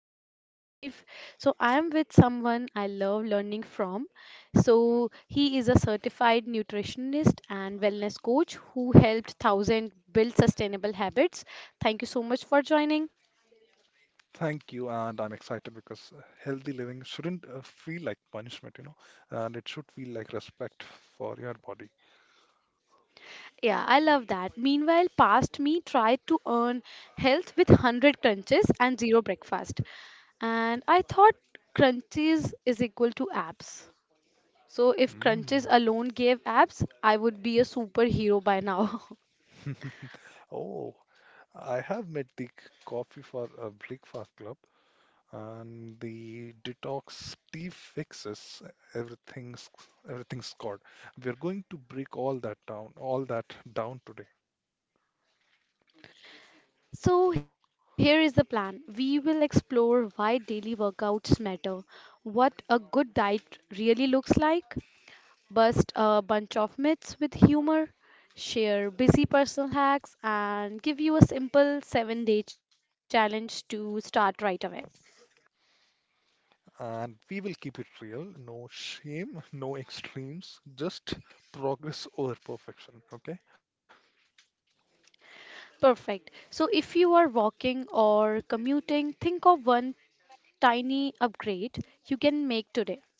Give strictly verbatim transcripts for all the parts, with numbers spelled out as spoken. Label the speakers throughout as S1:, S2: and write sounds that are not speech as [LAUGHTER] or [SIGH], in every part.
S1: Elevate Your Life. So, I am with someone I love learning from. So, he is a certified nutritionist and wellness coach who helped thousands build sustainable habits. Thank you so much for joining.
S2: Thank you, and I'm excited because uh, healthy living shouldn't uh, feel like punishment, you know, and it should feel like respect for your body.
S1: Yeah, I love that. Meanwhile, past me tried to earn health with one hundred crunches and zero breakfast. And I thought crunches is equal to abs. So if
S2: Mm.
S1: crunches alone gave abs, I would be a superhero by now. [LAUGHS]
S2: [LAUGHS] Oh, I have met the c- coffee for a breakfast club, and the detox tea fixes everything's everything's got. We're going to break all that down, all that down today.
S1: So here is the plan. We will explore why daily workouts matter, what a good diet really looks like, bust a bunch of myths with humor, share busy personal hacks, and give you a simple seven day challenge to start right away.
S2: And we will keep it real. No shame, [LAUGHS] no extremes, just progress over perfection. Okay.
S1: Perfect. So if you are walking or commuting, think of one tiny upgrade you can make today.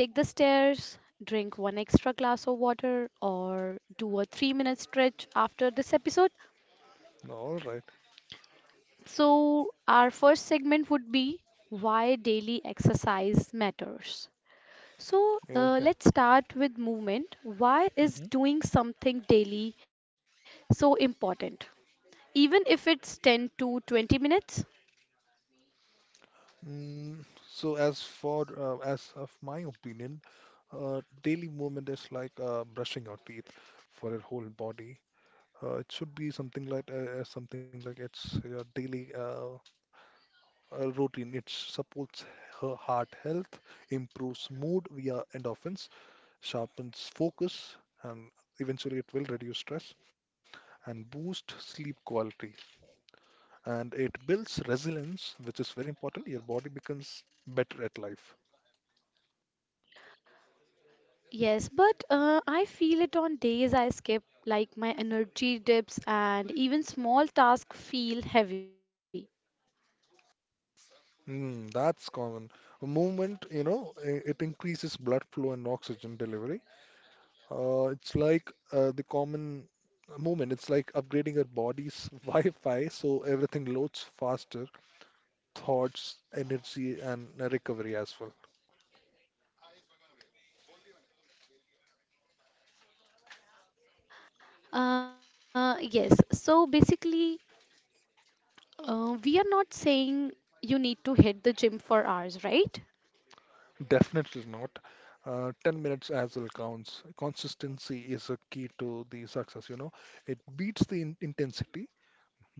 S1: Take the stairs, drink one extra glass of water, or do a three minute stretch after this episode.
S2: All right.
S1: So, our first segment would be why daily exercise matters. So,
S2: Yeah,
S1: uh, let's
S2: okay.
S1: start with movement. Why is
S2: Hmm.
S1: doing something daily so important? Even if it's ten to twenty minutes?
S2: Mm, so as for uh, as of my opinion, uh, daily movement is like uh, brushing your teeth for your whole body. Uh, it should be something like uh, uh, something like it's your daily uh, uh, routine. It supports her heart health, improves mood via endorphins, sharpens focus, and eventually it will reduce stress and boost sleep quality. And it builds resilience, which is very important. Your body becomes better at life.
S1: Yes, but uh, I feel it on days I skip, like my energy dips, and even small tasks feel heavy.
S2: Mm, that's common. Movement, you know, i- it increases blood flow and oxygen delivery. Uh, it's like uh, the common movement. It's like upgrading your body's [LAUGHS] Wi-Fi so everything loads faster, thoughts, energy, and uh, recovery as well.
S1: Uh, yes. So basically, uh, we are not saying you need to hit the gym for hours, right?
S2: Definitely not. Uh, ten minutes as well counts. Consistency is a key to the success, you know. It beats the in intensity,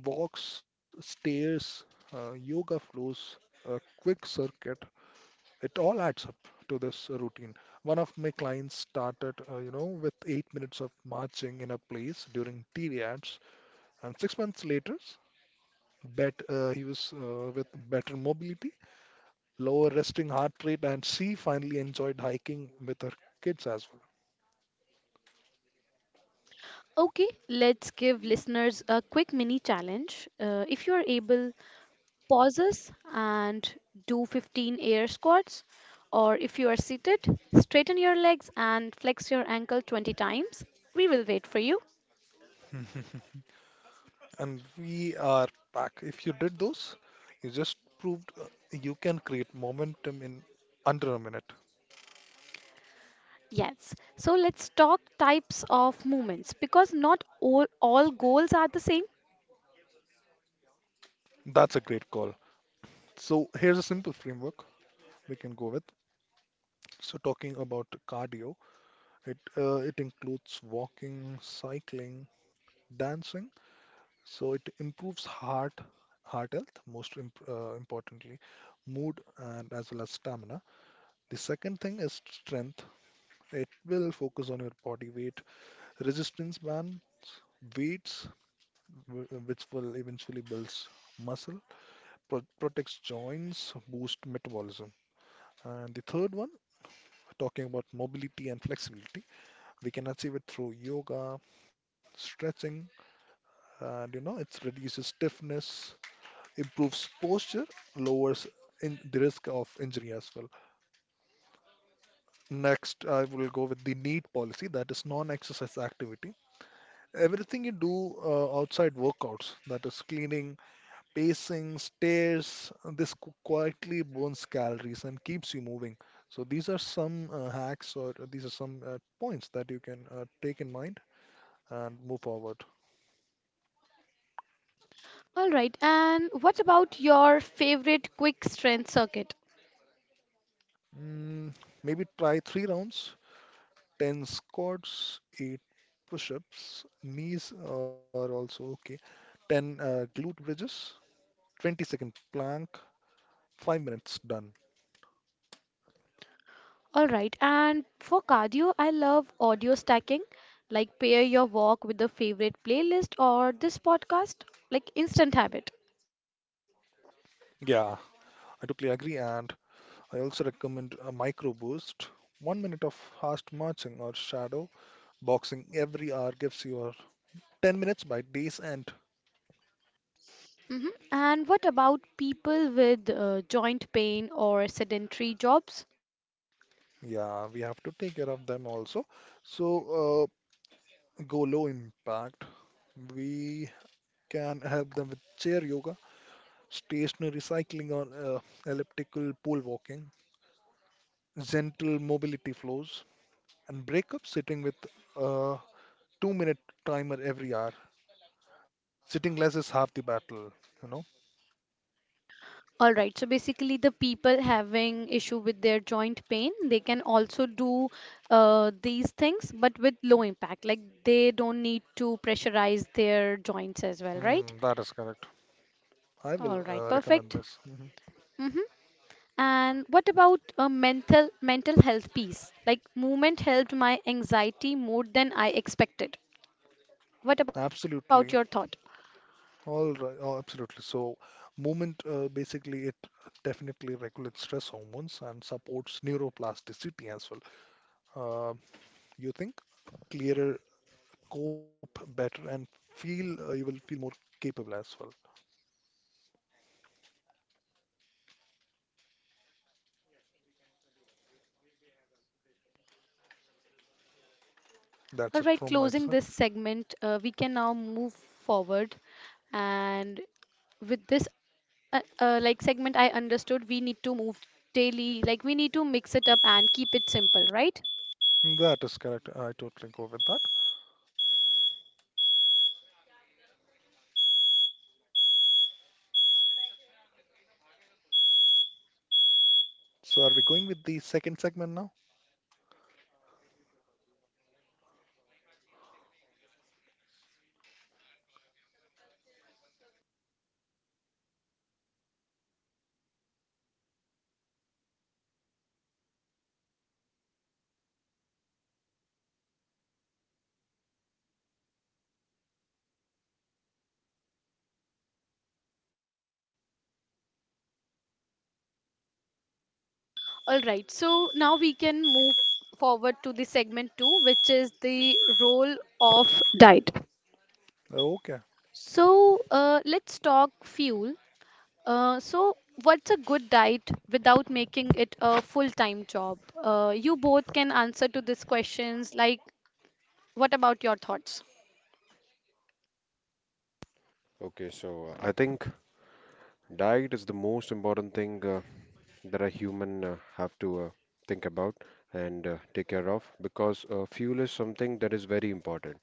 S2: walks, stairs, uh, yoga flows, a quick circuit. It all adds up to this uh, routine. One of my clients started, uh, you know, with eight minutes of marching in a place during T V ads, and six months later, bet uh, he was uh, with better mobility lower resting heart rate, and she finally enjoyed hiking with her kids as
S1: Okay, let's give listeners a quick mini challenge. Uh, if you are able, pause us and do fifteen air squats. Or if you are seated, straighten your legs and flex your ankle twenty times. We will wait for you.
S2: well. [LAUGHS] And we are back. If you did those, you just proved uh, you can create momentum in under a minute.
S1: Yes. So let's talk types of movements because not all, all goals are the same.
S2: That's a great call. So here's a simple framework we can go with. So talking about cardio, it uh, it includes walking, cycling, dancing. So it improves heart heart health, most imp uh, importantly, mood and as well as stamina. The second thing is strength. It will focus on your body weight, resistance bands, weights, wh- which will eventually build muscle, pro- protects joints, boost metabolism. And the third one, talking about mobility and flexibility, we can achieve it through yoga, stretching, and you know, it reduces stiffness, improves posture, lowers in the risk of injury as well. Next, I will go with the NEAT policy, that is non-exercise activity. everything you do uh, outside workouts, that is cleaning, pacing, stairs, uh, this qu- quietly burns calories and keeps you moving. So these are some uh, hacks or these are some uh, points that you can uh, take in mind and move forward.
S1: All right, and what about your favorite quick strength circuit?
S2: Mm, maybe try three rounds, ten squats, eight push-ups, knees are also okay, ten uh, glute bridges, twenty second plank, five minutes done.
S1: All right, and for cardio, I love audio stacking, like pair your walk with a favorite playlist or this podcast, like instant habit.
S2: Yeah, I totally agree. And I also recommend a micro boost. One minute of fast marching or shadow boxing every hour gives you a ten minutes by day's end.
S1: hmm And what about people with uh, joint pain or sedentary jobs?
S2: Yeah, we have to take care of them also. So uh, go low impact. We can help them with chair yoga, stationary cycling or uh, elliptical pole walking, gentle mobility flows, and break up sitting with a two minute timer every hour. Sitting less is half the battle, you know.
S1: All right. So basically, the people having issue with their joint pain, they can also do uh, these things, but with low impact. Like they don't need to pressurize their joints as well, right?
S2: Hmm, that is correct. I will
S1: All right.
S2: uh, recommend
S1: Perfect.
S2: this. Hmm.
S1: Mm-hmm. And what about a mental mental health piece? Like movement helped my anxiety more than I expected. What about
S2: Absolutely.
S1: your thought?
S2: All right. Oh, absolutely. So, movement uh, basically it definitely regulates stress hormones and supports neuroplasticity as well. Uh, you think clearer, cope better, and feel uh, you will feel more capable as well. That's
S1: All
S2: it
S1: right.
S2: from my
S1: Closing
S2: side.
S1: this segment, uh, we can now move forward and with this uh, uh, like segment I understood we need to move daily, like we need to mix it up and keep it simple, right?
S2: That is correct. I totally go with that. So, are we going with the second segment now?
S1: All right, so now we can move forward to the segment two, which is the role of diet.
S2: Okay,
S1: So uh, let's talk fuel. Uh, so what's a good diet without making it a full-time job? Uh, you both can answer to these questions. Like, what about your thoughts?
S3: Okay, so uh, I think diet is the most important thing uh, that a human uh, have to uh, think about and uh, take care of because uh, fuel is something that is very important.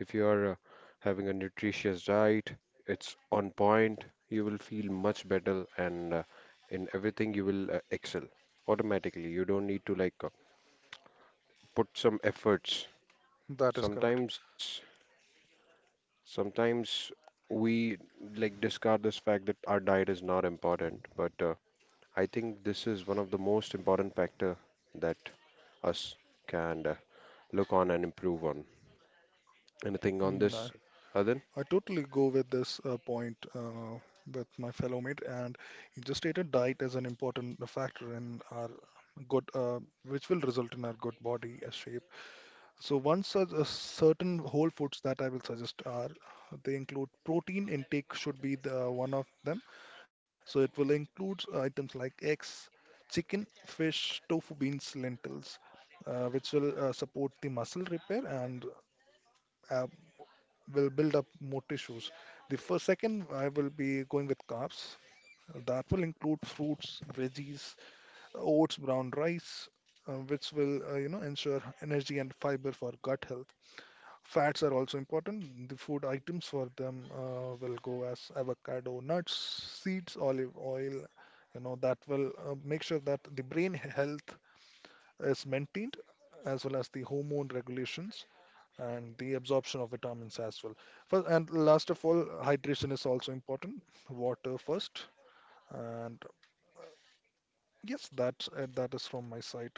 S3: If you are uh, having a nutritious diet, it's on point, you will feel much better, and uh, in everything you will uh, excel automatically. You don't need to like uh, put some efforts.
S2: that is correct.
S3: Sometimes, sometimes we like discard this fact that our diet is not important, but uh, I think this is one of the most important factor that us can uh, look on and improve on. Anything on
S2: No.
S3: this, Adan?
S2: I totally go with this uh, point uh, with my fellow mate, and he just stated diet as an important factor in our good, uh, which will result in our good body uh, shape. So, one such a certain whole foods that I will suggest are they include protein intake should be the one of them. So it will include items like eggs, chicken, fish, tofu, beans, lentils, uh, which will uh, support the muscle repair and uh, will build up more tissues. The first, second, I will be going with carbs. That will include fruits, veggies, oats, brown rice, uh, which will, uh, you know, ensure energy and fiber for gut health. Fats are also important. The food items for them uh, will go as avocado, nuts, seeds, olive oil. You know, that will uh, make sure that the brain health is maintained as well as the hormone regulations and the absorption of vitamins as well. First, and last of all, hydration is also important. Water first, and yes, that's it. That is from my side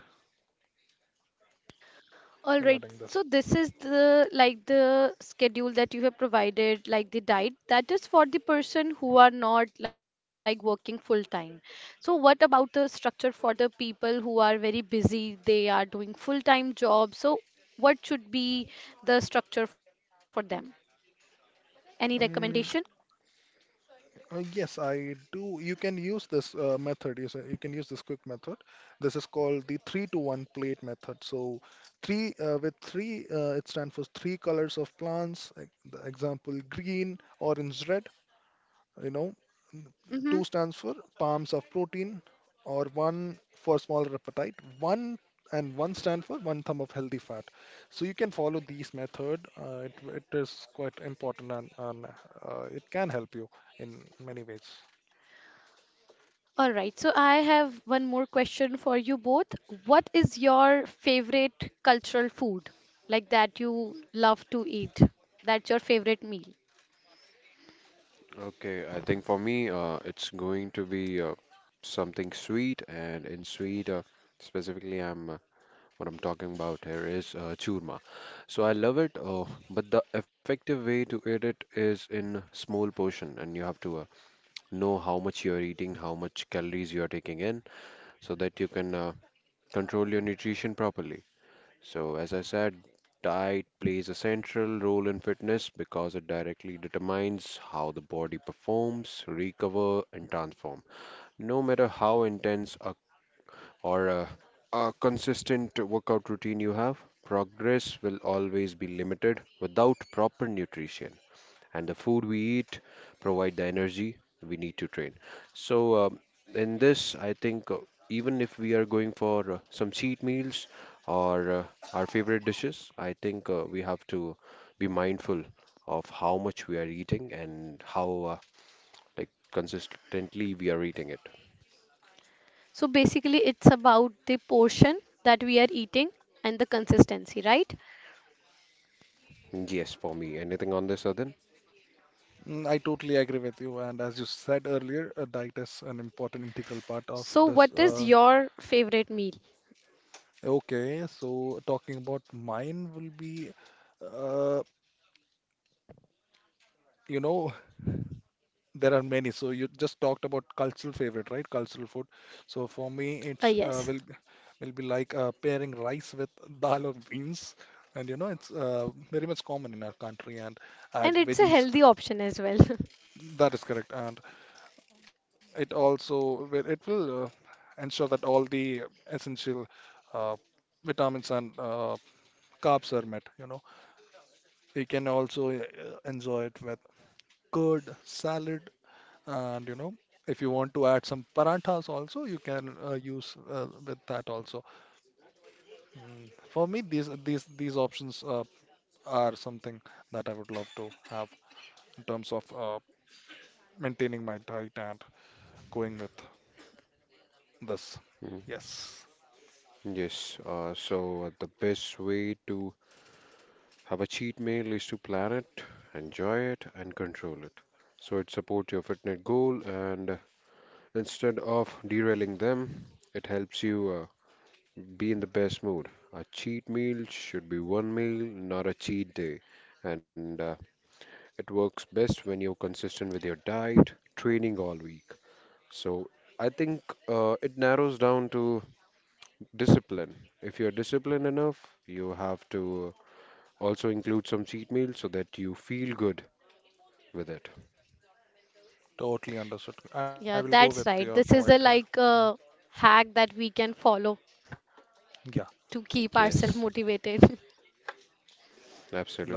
S1: All right.
S2: regarding this.
S1: So this is the like the schedule that you have provided, like the diet. That is for the person who are not like working full time. So what about the structure for the people who are very busy? They are doing full time jobs. So what should be the structure for them? Any recommendation?
S2: Um, uh, yes, I do. You can use this uh, method. You, say- you can use this quick method. This is called the three to one plate method. So, three uh, with three, uh, it stands for three colors of plants. Like the example: green, orange, red. you know
S1: Mm-hmm.
S2: Two stands for palms of protein, or one for smaller appetite one, and one stand for one thumb of healthy fat, so you can follow these method. Uh, it, it is quite important, and, and uh, it can help you in many ways.
S1: All right, so I have one more question for you both. What is your favorite cultural food, like that you love to eat? That's your favorite meal.
S3: Okay, I think for me, uh, it's going to be uh, something sweet, and in sweet, uh, specifically, I'm uh, what I'm talking about here is uh, churma. So I love it, uh, but the effective way to eat it is in small portion, and you have to uh, know how much you're eating, how much calories you're taking in, so that you can uh, control your nutrition properly. So, as I said, diet plays a central role in fitness because it directly determines how the body performs, recover, and transform. No matter how intense a, or a, a consistent workout routine you have, progress will always be limited without proper nutrition, and the food we eat provide the energy we need to train. So um, in this, I think uh, even if we are going for uh, some cheat meals or uh, our favorite dishes, I think uh, we have to be mindful of how much we are eating and how uh, like consistently we are eating it.
S1: So basically, it's about the portion that we are eating and the consistency, right?
S3: Yes, for me. Anything on this, Adin?
S2: Mm, I totally agree with you. And as you said earlier, uh, diet is an important integral part of
S1: So,
S2: this.
S1: what is
S2: Uh,
S1: your favorite meal?
S2: okay, so talking about mine will be, uh, you know, There are many. So you just talked about cultural favorite, right? Cultural food. So
S1: Uh,
S2: for me,
S1: yes,
S2: it's uh, will be- will be like uh, pairing rice with [LAUGHS] dal or beans, and you know it's uh, very much common in our country. And add
S1: and it's a
S2: veggies.
S1: healthy option as well. [LAUGHS]
S2: That is correct. And it also will- it will uh, ensure that all the essential uh, vitamins and uh, carbs are met. You know, you can also uh, enjoy it with curd, salad, and you know if you want to add some paranthas also you can uh, use uh, with that also. mm. For me these these these options uh, are something that I would love to have in terms of uh, maintaining my diet and going with this.
S3: Mm.
S2: Yes,
S3: Yes, uh, so uh, the best way to have a cheat meal is to plan it, enjoy it, and control it. So it supports your fitness goal, and instead of derailing them, it helps you uh, be in the best mood. A cheat meal should be one meal, not a cheat day. And uh, it works best when you're consistent with your diet, training all week. So I think uh, it narrows down to discipline. If you're disciplined enough, you have to uh, also include some cheat meals so that you feel good with it.
S2: totally understood, I will
S1: Yeah,
S2: go with
S1: that's
S2: your
S1: right. This
S2: point
S1: is
S2: here.
S1: a like
S2: Mhm.
S1: a hack that we can follow
S2: Yeah,
S1: to keep ourselves
S3: Yes,
S1: motivated. [LAUGHS]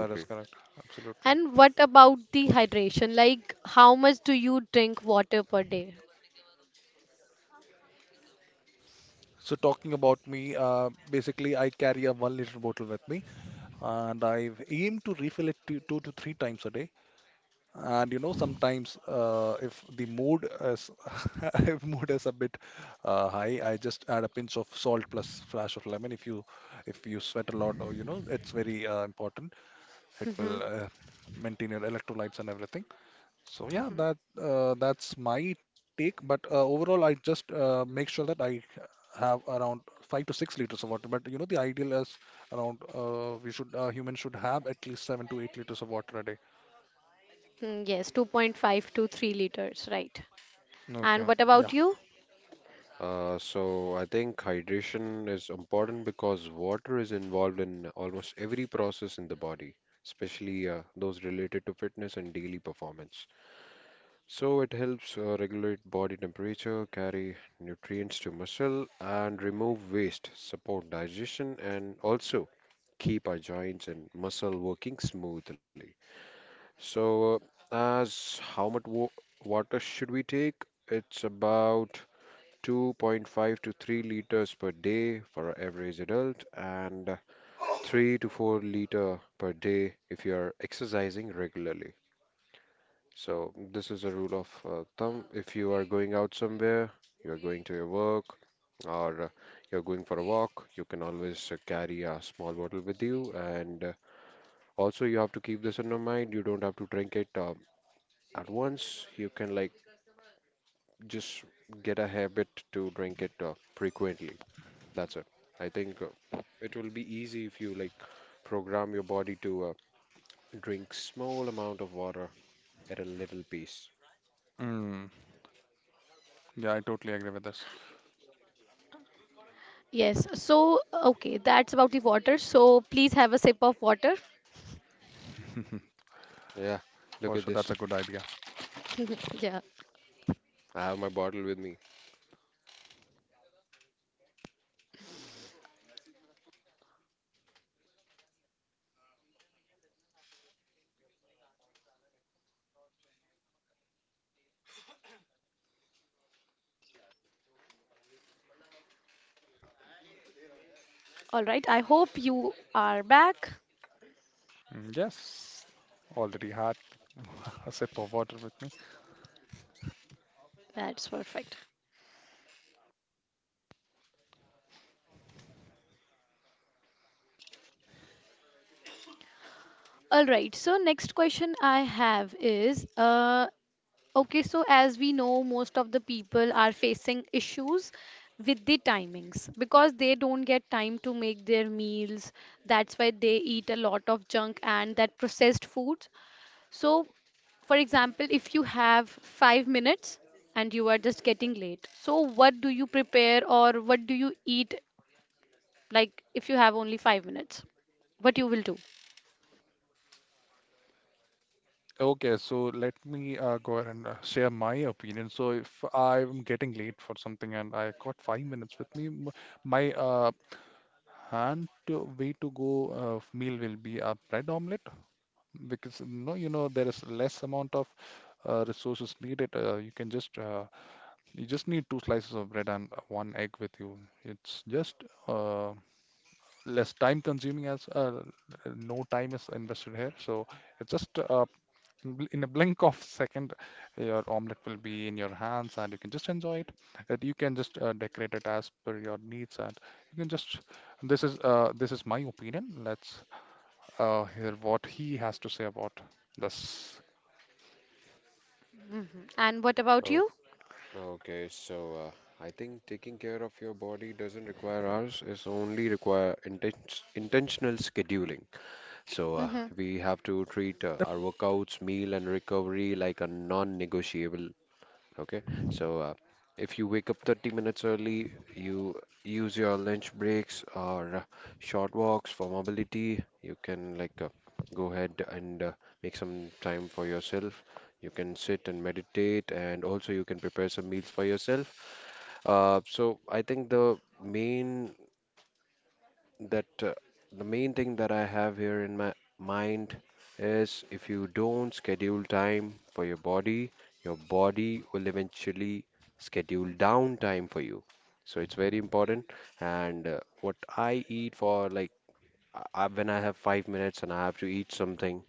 S2: that is correct. Absolutely.
S1: And what about the hydration? Like, how much do you drink water per day?
S2: So talking about me, uh, basically I carry a one liter bottle with me, and I aim to refill it two, two to three times a day. And you know, sometimes uh, if the mood is [LAUGHS] if mood is a bit uh, high, I just add a pinch of salt plus flash of lemon. If you if you sweat a lot, or you know, it's very uh, important. It
S1: Mm-hmm.
S2: will uh, maintain your electrolytes and everything. So yeah, that uh, that's my take. But uh, overall, I just uh, make sure that I have around five to six liters of water. But you know, the ideal is around uh, we should uh, humans should have at least seven to eight liters of water a day.
S1: Mm-hmm. Yes, two point five to three liters, right. And
S2: Okay.
S1: what
S2: Yeah.
S1: about you?
S3: Uh, so I think hydration is important because water is involved in almost every process in the body, especially uh, those related to fitness and daily performance. So it helps uh, regulate body temperature, carry nutrients to muscle, and remove waste, support digestion, and also keep our joints and muscle working smoothly. So, uh, as how much wa- water should we take? It's about two point five to three liters per day for an average adult and three to four liter per day if you are exercising regularly. So this is a rule of uh, thumb. If you are going out somewhere, you are going to your work or uh, you're going for a walk, you can always uh, carry a small bottle with you. And uh, also you have to keep this in your mind. You don't have to drink it uh, at once. You can like just get a habit to drink it uh, frequently. That's it. I think uh, it will be easy if you like program your body to uh, drink small amount of water at a little piece.
S2: Mm. Yeah, I totally agree with this.
S1: Yes, so, uh, okay, that's about the water. So, please have a sip of water.
S2: [LAUGHS]
S3: Yeah, look
S2: For
S3: at
S2: sure,
S3: this.
S2: that's a good idea.
S1: [LAUGHS] Yeah,
S3: I have my bottle with me.
S1: all right. I hope you are back.
S2: Mm, yes, already had [LAUGHS] a sip of water with me.
S1: That's perfect. All right, so next question I have is uh, okay, so as we know, most of the people are facing issues with the timings because they don't get time to make their meals. That's why they eat a lot of junk and that processed food. So, for example, if you have five minutes and you are just getting late, so what do you prepare or what do you eat? Like, if you have only five minutes, what you will do?
S2: Okay, so let me uh, go ahead and uh, share my opinion. So if I'm getting late for something and I got five minutes with me, m- my uh, hand to, way to go uh, f- meal will be a bread omelette because no, you know there is less amount of uh, resources needed. Uh, you can just uh, you just need two slices of bread and one egg with you. It's just uh, less time consuming as uh, no time is invested here, so it's just uh, bl- in a blink of second your omelet will be in your hands and you can just enjoy it and you can just uh, decorate it as per your needs and you can just this is uh, this is my opinion. Let's uh, hear what he has to say about this.
S1: hmm And what about
S3: Oh, okay. So uh, I think taking care of your body doesn't require hours. It's only require inten- intentional scheduling. So uh,
S1: you?
S3: we have to treat uh,
S2: Yep.
S3: our workouts, meal, and recovery like a non-negotiable. Okay, so uh, if you wake up thirty minutes early, you use your lunch breaks or uh, short walks for mobility. You can like uh, go ahead and uh, make some time for yourself. You can sit and meditate, and also you can prepare some meals for yourself. Uh, so I think the main that uh, the main thing that I have here in my mind is, if you don't schedule time for your body, your body will eventually schedule down time for you. So it's very important. And uh, what I eat for like I, I- when I have five minutes and I have to eat something,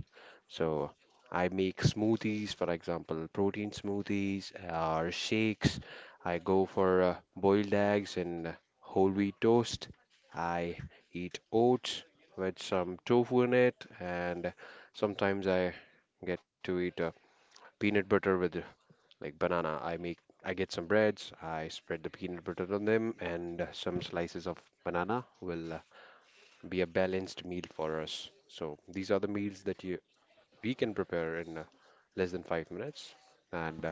S3: so I make smoothies, for example, protein smoothies uh, or shakes. I go for uh, boiled eggs and whole wheat toast. I eat oats with some tofu in it, and sometimes I get to eat uh, peanut butter with uh, like banana. I make I get some breads, I spread the peanut butter on them, and uh, some slices of banana will uh, be a balanced meal for us. So these are the meals that you we can prepare in uh, less than five minutes. And uh,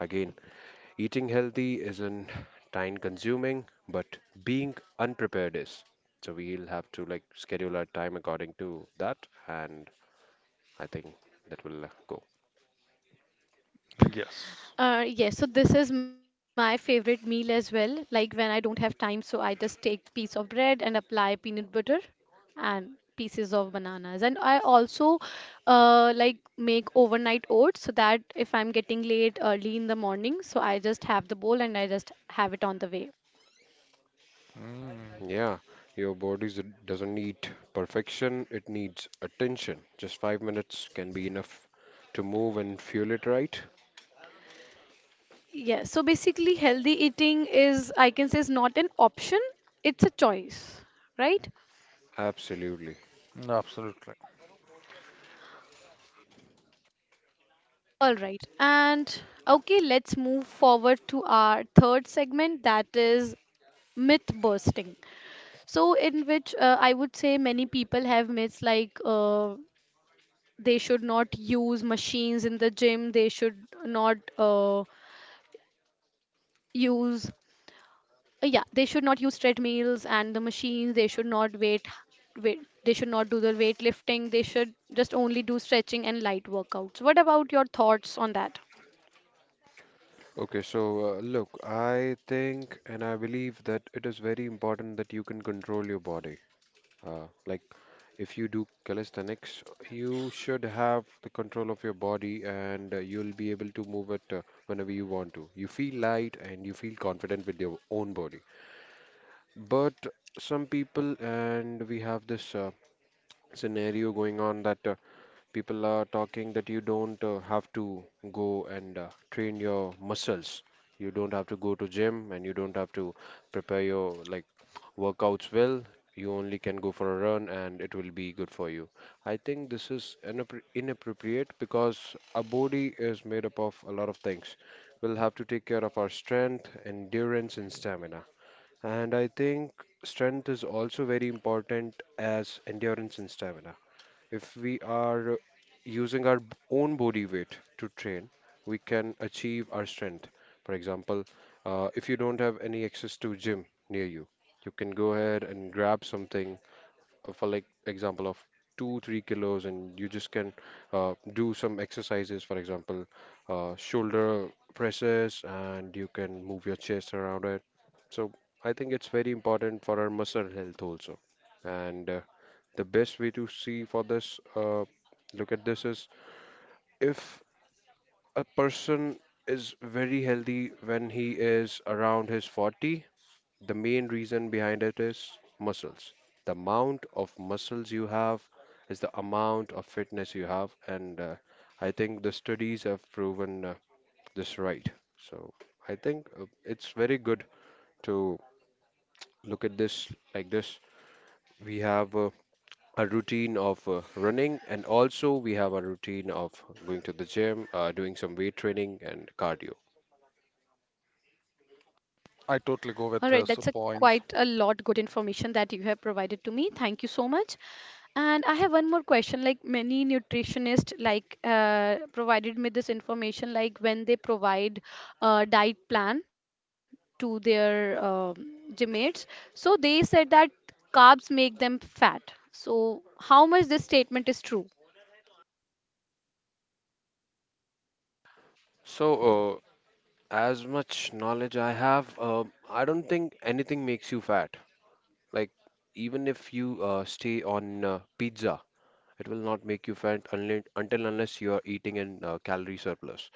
S3: again, eating healthy isn't time consuming, but being unprepared is. So we'll have to like schedule our time according to that, and I think that will uh, go.
S2: Yes.
S1: Uh, yes, so this is my favorite meal as well. Like when I don't have time, so I just take piece of bread and apply peanut butter and pieces of bananas. And I also uh, like make overnight oats so that if I'm getting late early in the morning, so I just have the bowl and I just have it on the way.
S2: mm,
S3: Yeah, your body doesn't need perfection, it needs attention. Just five minutes can be enough to move and fuel it right.
S1: Yes, so basically healthy eating is, I can say, is not an option, it's a choice, right?
S3: Absolutely.
S2: Absolutely.
S1: All right. And okay, let's move forward to our third segment, that is myth busting. So, in which uh, I would say many people have myths like uh, they should not use machines in the gym, they should not uh, use, uh, yeah, they should not use treadmills and the machines, they should not weight, weight, they should not do the weightlifting, they should just only do stretching and light workouts. What about your thoughts on that?
S3: Okay, so uh, look, I think and I believe that it is very important that you can control your body. Uh, like, if you do calisthenics, you should have the control of your body, and uh, you'll be able to move it uh, whenever you want to. You feel light and you feel confident with your own body. But some people, and we have this uh, scenario going on that. Uh, People are talking that you don't uh, have to go and uh, train your muscles. You don't have to go to gym and you don't have to prepare your like workouts well. You only can go for a run and it will be good for you. I think this is inappro- inappropriate because our body is made up of a lot of things. We'll have to take care of our strength, endurance, and stamina. And I think strength is also very important as endurance and stamina. If we are using our b- own body weight to train, we can achieve our strength. For example, uh, if you don't have any access to gym near you, you can go ahead and grab something uh, for like example of two, three kilos, and you just can uh, do some exercises. For example, uh, shoulder presses, and you can move your chest around it. So I think it's very important for our muscle health also. And uh, the best way to see for this uh, look at this is, if a person is very healthy when he is around his forty, the main reason behind it is muscles. The amount of muscles you have is the amount of fitness you have, and uh, I think the studies have proven uh, this right. So I think uh, it's very good to look at this like this. We have uh, a routine of uh, running, and also we have a routine of going to the gym, uh, doing some weight training and cardio.
S2: I
S1: All right,
S2: totally go
S1: that's a
S2: with his
S1: quite a
S2: points.
S1: lot good information that you have provided to me. Thank you so much. And I have one more question. Like many nutritionists, like uh, provided me this information, like when they provide a diet plan to their um gym mates, so they said that carbs make them fat. So how much this statement is true?
S3: So uh, as much knowledge I have, uh, I don't think anything makes you fat. Like, even if you uh, stay on uh, pizza, it will not make you fat unless, until unless you are eating in uh, calorie surplus.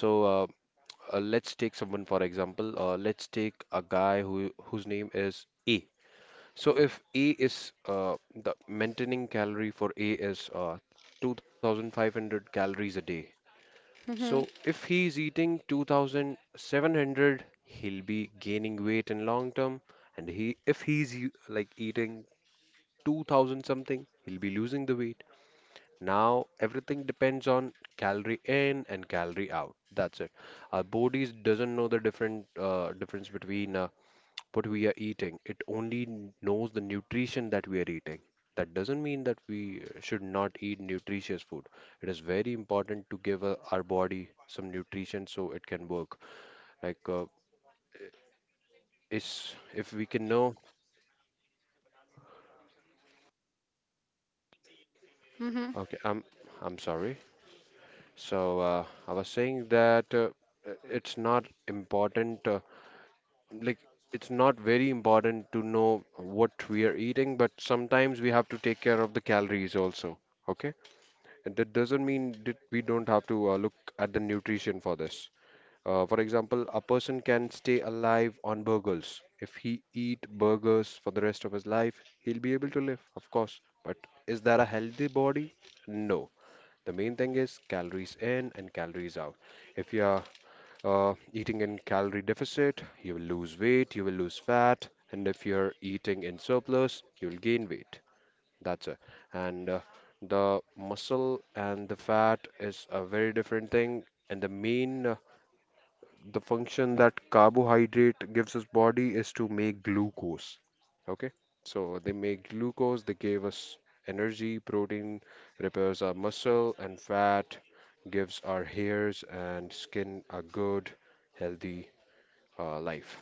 S3: So uh, uh, let's take someone, for example, uh, let's take a guy who whose name is A. So if A is uh, The maintaining calorie for A is uh, two thousand five hundred calories a day. So
S1: Mm-hmm.
S3: if he is eating two thousand seven hundred, he'll be gaining weight in long term. And he if he's u- like eating two thousand something, he'll be losing the weight. Now everything depends on calorie in and calorie out. That's it. Our bodies doesn't know the different uh, difference between uh, what we are eating. It only knows the nutrition that we are eating. That doesn't mean that we uh, should not eat nutritious food. It is very important to give uh, our body some nutrition so it can work. Like, uh, is if we can know.
S1: Mm-hmm.
S3: Okay, I'm I'm sorry. So uh, I was saying that uh, uh, it's not important. Uh, like, it's not very important to know what we are eating, but sometimes we have to take care of the calories also. Okay. And that doesn't mean that we don't have to uh, look at the nutrition for this. Uh, for example, a person can stay alive on burgers. If he eat burgers for the rest of his life, he'll be able to live, of course. But is that a healthy body? No. The main thing is calories in and calories out. If you are uh, eating in calorie deficit, you will lose weight, you will lose fat, and if you're eating in surplus, you will gain weight. That's it. And uh, the muscle and the fat is a very different thing. And the main, uh, the function that carbohydrate gives us body is to make glucose. Okay, so they make glucose, they gave us energy, protein repairs our muscle, and fat gives our hairs and skin a good, healthy uh, life.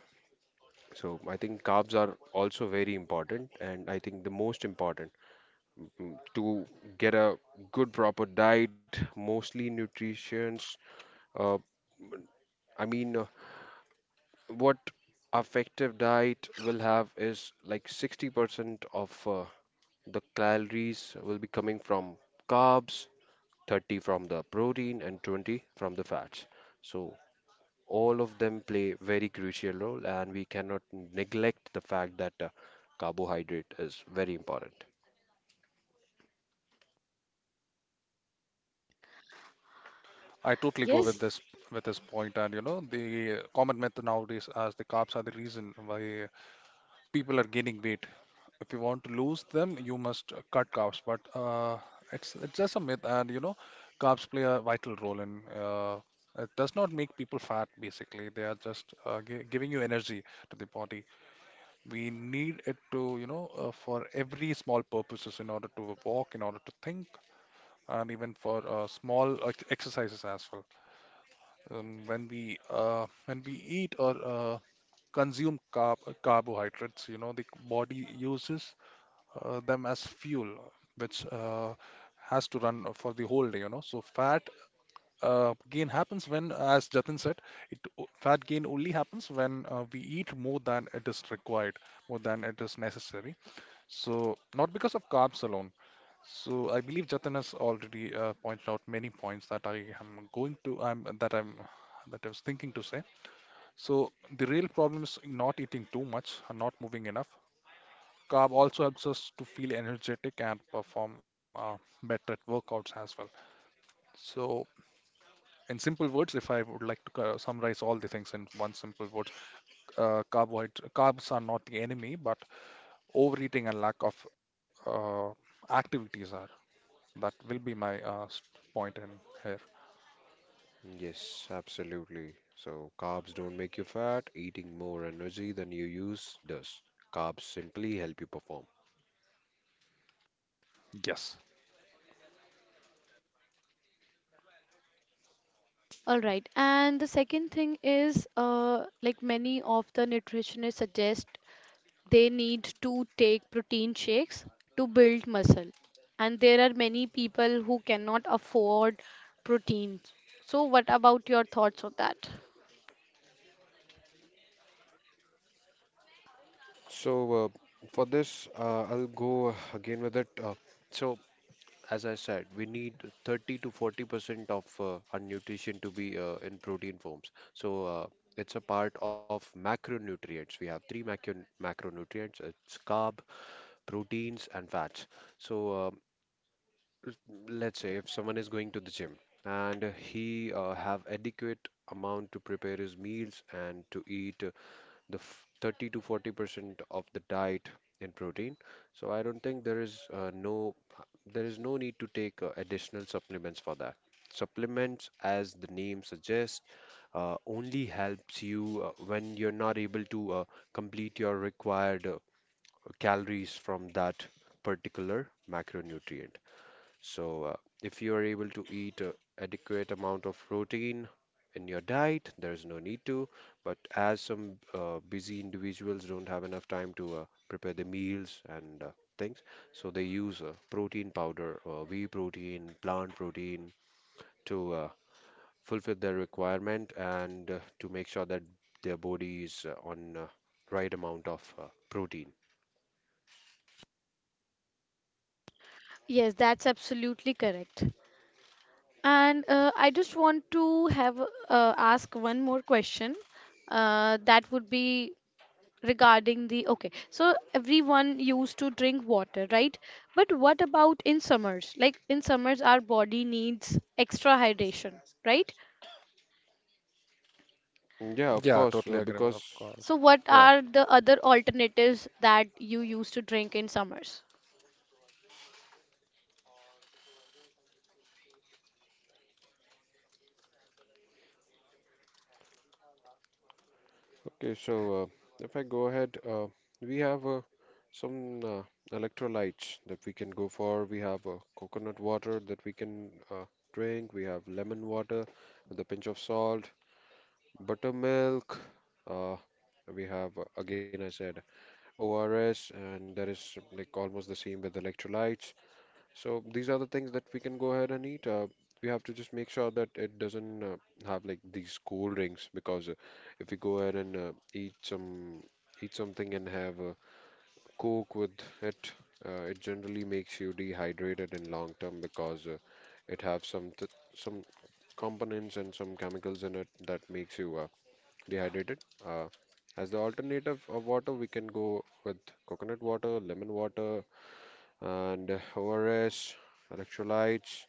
S3: So I think carbs are also very important, and I think the most important mm, to get a good proper diet, mostly nutritions. Uh, I mean, uh, what effective diet will have is like sixty percent of uh, the calories will be coming from carbs, thirty from the protein, and twenty from the fats. So all of them play very crucial role, and we cannot neglect the fact that uh, carbohydrate is very important.
S2: I totally go
S1: Yes.
S2: with this with this point, and you know the common myth nowadays as the carbs are the reason why people are gaining weight. If you want to lose them, you must cut carbs. But uh, it's it's just a myth, and you know carbs play a vital role in. Uh, it does not make people fat. Basically, they are just uh, gi- giving you energy to the body. We need it to you know uh, for every small purposes in order to walk, in order to think, and even for uh, small ex- exercises as well. Um, when we uh, when we eat or uh, consume carb carbohydrates, you know, the body uses uh, them as fuel, which uh, has to run for the whole day, you know. So fat uh, gain happens when, as Jatin said, it o- fat gain only happens when uh, we eat more than it is required, more than it is necessary. So not because of carbs alone. So I believe Jatin has already uh, pointed out many points that I am going to, I'm that I'm that I was thinking to say. So the real problem is not eating too much and not moving enough. Carb also helps us to feel energetic and perform uh, better at workouts as well. So in simple words, if I would like to uh, summarize all the things in one simple word, uh, carbohydrate carbs are not the enemy, but overeating and lack of uh, activities are. That will be my uh, s- point in here.
S3: Yes, absolutely. So, carbs don't make you fat, eating more energy than you use does. Carbs simply help you perform.
S2: Yes.
S1: All right. And the second thing is, uh, like many of the nutritionists suggest they need to take protein shakes to build muscle, and there are many people who cannot afford proteins. So what about your thoughts on that?
S3: So, uh, for this, uh, I'll go uh, again with it. Uh, so, as I said, we need thirty to forty percent of uh, our nutrition to be uh, in protein forms. So, uh, it's a part of macronutrients. We have three macro macronutrients. It's carb, proteins, and fats. So, uh, let's say if someone is going to the gym and he uh, have adequate amount to prepare his meals and to eat uh, the f- thirty to forty percent of the diet in protein, so I don't think there is uh, no there is no need to take uh, additional supplements for that. Supplements, as the name suggests, uh, only helps you uh, when you're not able to uh, complete your required uh, calories from that particular macronutrient. So, uh, if you are able to eat a adequate amount of protein in your diet, there is no need to. But as some uh, busy individuals don't have enough time to uh, prepare the meals and uh, things, so they use uh, protein powder, uh, whey protein, plant protein to uh, fulfill their requirement and uh, to make sure that their body is uh, on uh, right amount of uh, protein.
S1: Yes, that's absolutely correct. And uh, I just want to have uh, ask one more question. Uh, that would be regarding the okay. So everyone used to drink water, right? But what about in summers? Like in summers, our body needs extra hydration, right?
S3: Yeah, of
S2: Yeah,
S3: course,
S2: totally
S3: uh,
S2: agree with,
S3: because
S2: of course.
S1: So, what
S3: yeah.
S1: are the other alternatives that you used to drink in summers?
S3: Okay, so uh, if I go ahead, uh, we have uh, some uh, electrolytes that we can go for. We have uh, coconut water that we can uh, drink. We have lemon water with a pinch of salt, buttermilk. Uh, we have, uh, again, I said O R S, and that is like almost the same with electrolytes. So these are the things that we can go ahead and eat. Uh, we have to just make sure that it doesn't uh, have like these cold drinks, because uh, if we go ahead and uh, eat some eat something and have a Coke with it, uh, it generally makes you dehydrated in long term, because uh, it have some th some components and some chemicals in it that makes you uh, dehydrated. Uh, as the alternative of water, we can go with coconut water, lemon water, and O R S, electrolytes.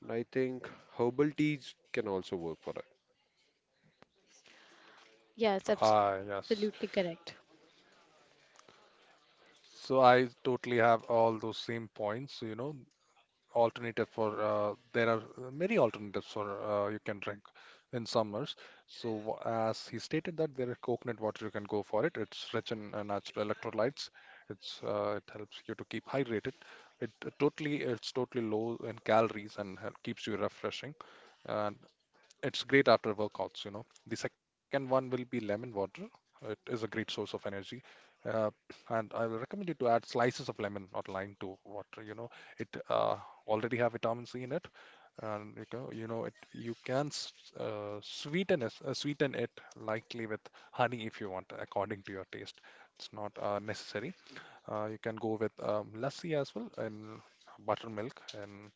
S3: And I think herbal teas can also work for
S1: Yes,
S2: Ah,
S1: absolutely
S2: yes.
S1: correct.
S2: So I totally have all those same points, you know. Alternative for uh, There are uh, many alternatives for uh, you can drink in summers. So w- as he stated, that there is coconut water. You can go for it. It's rich in uh, natural electrolytes. It's uh, it helps you to keep hydrated. It uh, totally it's totally low in calories and hel- keeps you refreshing. And it's great after workouts, you know. The second one will be lemon water. It is a great source of energy. Uh, and I will recommend you to add slices of lemon or lime to water. You know, it uh, already have vitamin C in it, and you know, you know it. You can s- uh, sweeten it, uh, sweeten it lightly with honey if you want, according to your taste. It's not uh, necessary. Uh, you can go with um, lassi as well, and buttermilk, and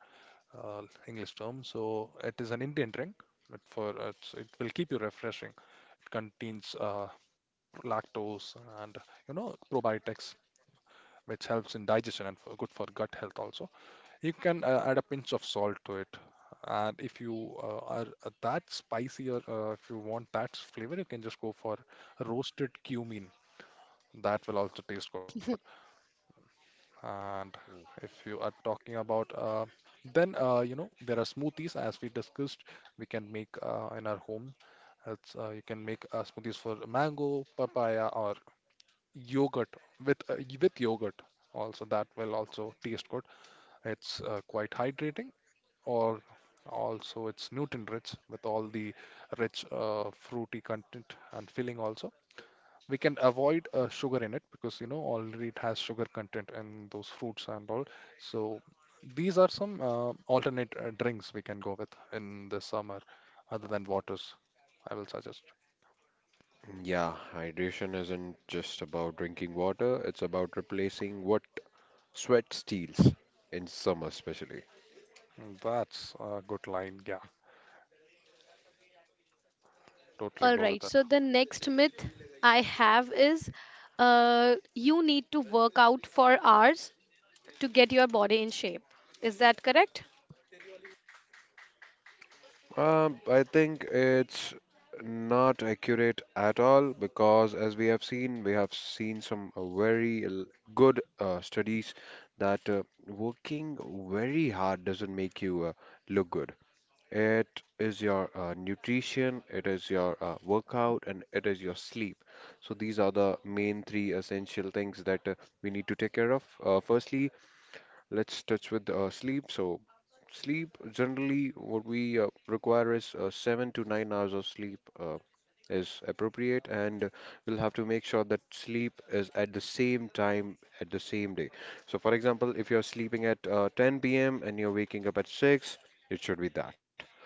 S2: uh, English term. So it is an Indian drink, but for it's, it will keep you refreshing. It contains uh, lactose and you know probiotics, which helps in digestion and for, good for gut health also. You can uh, add a pinch of salt to it. And if you uh, are uh, that spicy, or uh, if you want that flavor, you can just go for roasted cumin. That will also taste good. And if you are talking about, uh, then uh, you know there are smoothies as we discussed. We can make uh, in our home. It's uh, You can make uh, smoothies for mango, papaya, or yogurt with uh, y- with yogurt. Also, that will also taste good. It's uh, quite hydrating, or also it's nutrient rich with all the rich uh, fruity content, and filling also. We can avoid uh, sugar in it because you know already it has sugar content in those fruits and all. So these are some uh, alternate uh, drinks we can go with in the summer, other than waters. I will suggest.
S3: that. Yeah, hydration isn't just about drinking water, it's about replacing what sweat steals in summer, especially.
S2: Mm, that's a good line. Yeah,
S1: [LAUGHS]
S2: totally
S1: All
S2: go
S1: right.
S2: with it.
S1: So, the next myth I have is uh, you need to work out for hours to get your body in shape. Is that correct?
S3: Um, I think it's not accurate at all because, as we have seen, we have seen some uh, very l- good uh, studies that uh, working very hard doesn't make you uh, look good. It is your uh, nutrition, it is your uh, workout, and it is your sleep. So these are the main three essential things that uh, we need to take care of. Uh, firstly, let's touch with uh, sleep. So sleep, generally, what we uh, require is uh, seven to nine hours of sleep uh, is appropriate, and we'll have to make sure that sleep is at the same time at the same day. So, for example, if you're sleeping at uh, ten p m and you're waking up at six, it should be that.